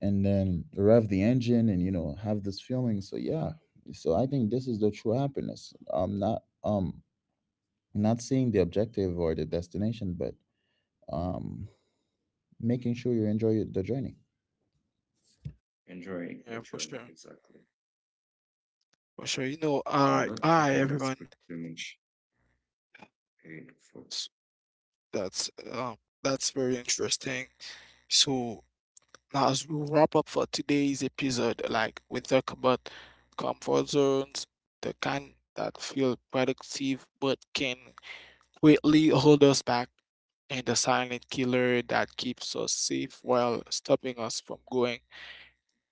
S3: And then rev the engine and, you know, have this feeling. So yeah, so I think this is the true happiness. Um, not, um, not seeing the objective or the destination, but, um, making sure you enjoy the journey.
S2: yeah, enjoying the
S1: Yeah, for
S2: journey.
S1: sure,
S2: Exactly.
S1: for sure. You know, all
S2: And
S1: right,
S2: that,
S1: all
S2: I
S1: right,
S2: think that's
S1: everyone.
S2: pretty much it for.
S1: S- that's um, that's very interesting. So now as we wrap up for today's episode, like we talk about comfort zones, the kind that feel productive but can greatly hold us back, and the silent killer that keeps us safe while stopping us from going.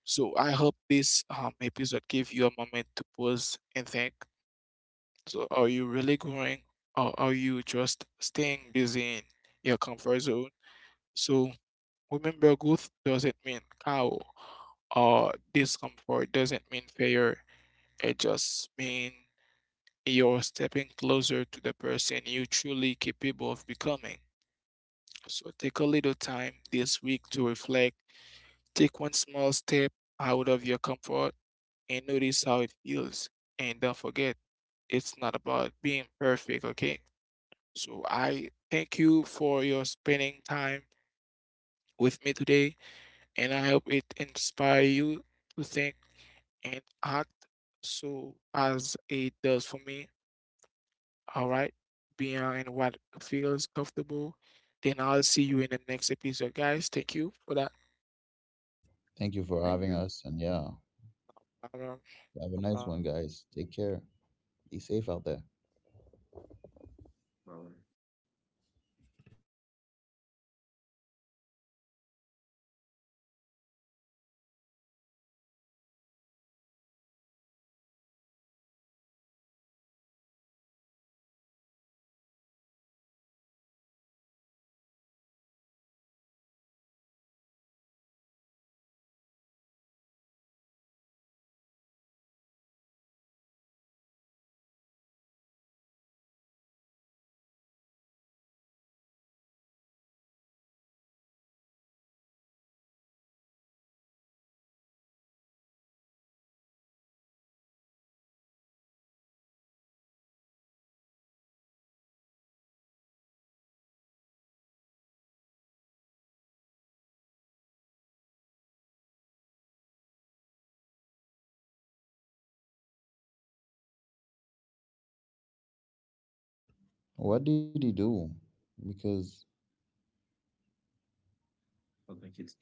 S1: So I hope this um, episode gave you a moment to pause and think. So are you really growing or are you just staying busy in your comfort zone? So remember growth doesn't mean cow or discomfort doesn't mean failure. It just means you're stepping closer to the person you truly capable of becoming. So take a little time this week to reflect. Take one small step out of your comfort and notice how it feels. And don't forget, it's not about being perfect, okay? So I thank you for your spending time with me today, and I hope it inspire you to think and act so as it does for me. All right, beyond what feels comfortable. Then I'll see you in the next episode, guys. Thank you for that.
S3: Thank you for
S2: Thank
S3: having
S2: you,
S3: us, and yeah,
S1: Um,
S3: have a
S1: no
S3: nice
S1: problem.
S3: one, guys. Take care.
S1: No, same same
S3: Be safe
S1: pleasure.
S3: out there.
S1: Hi.
S2: Valerie.
S1: All right. So thank you guys. I will um submit the form right now. Okay. I'll let you know when things ready. Okay.
S3: What did he do? Because,
S2: I think it's it puts the one button.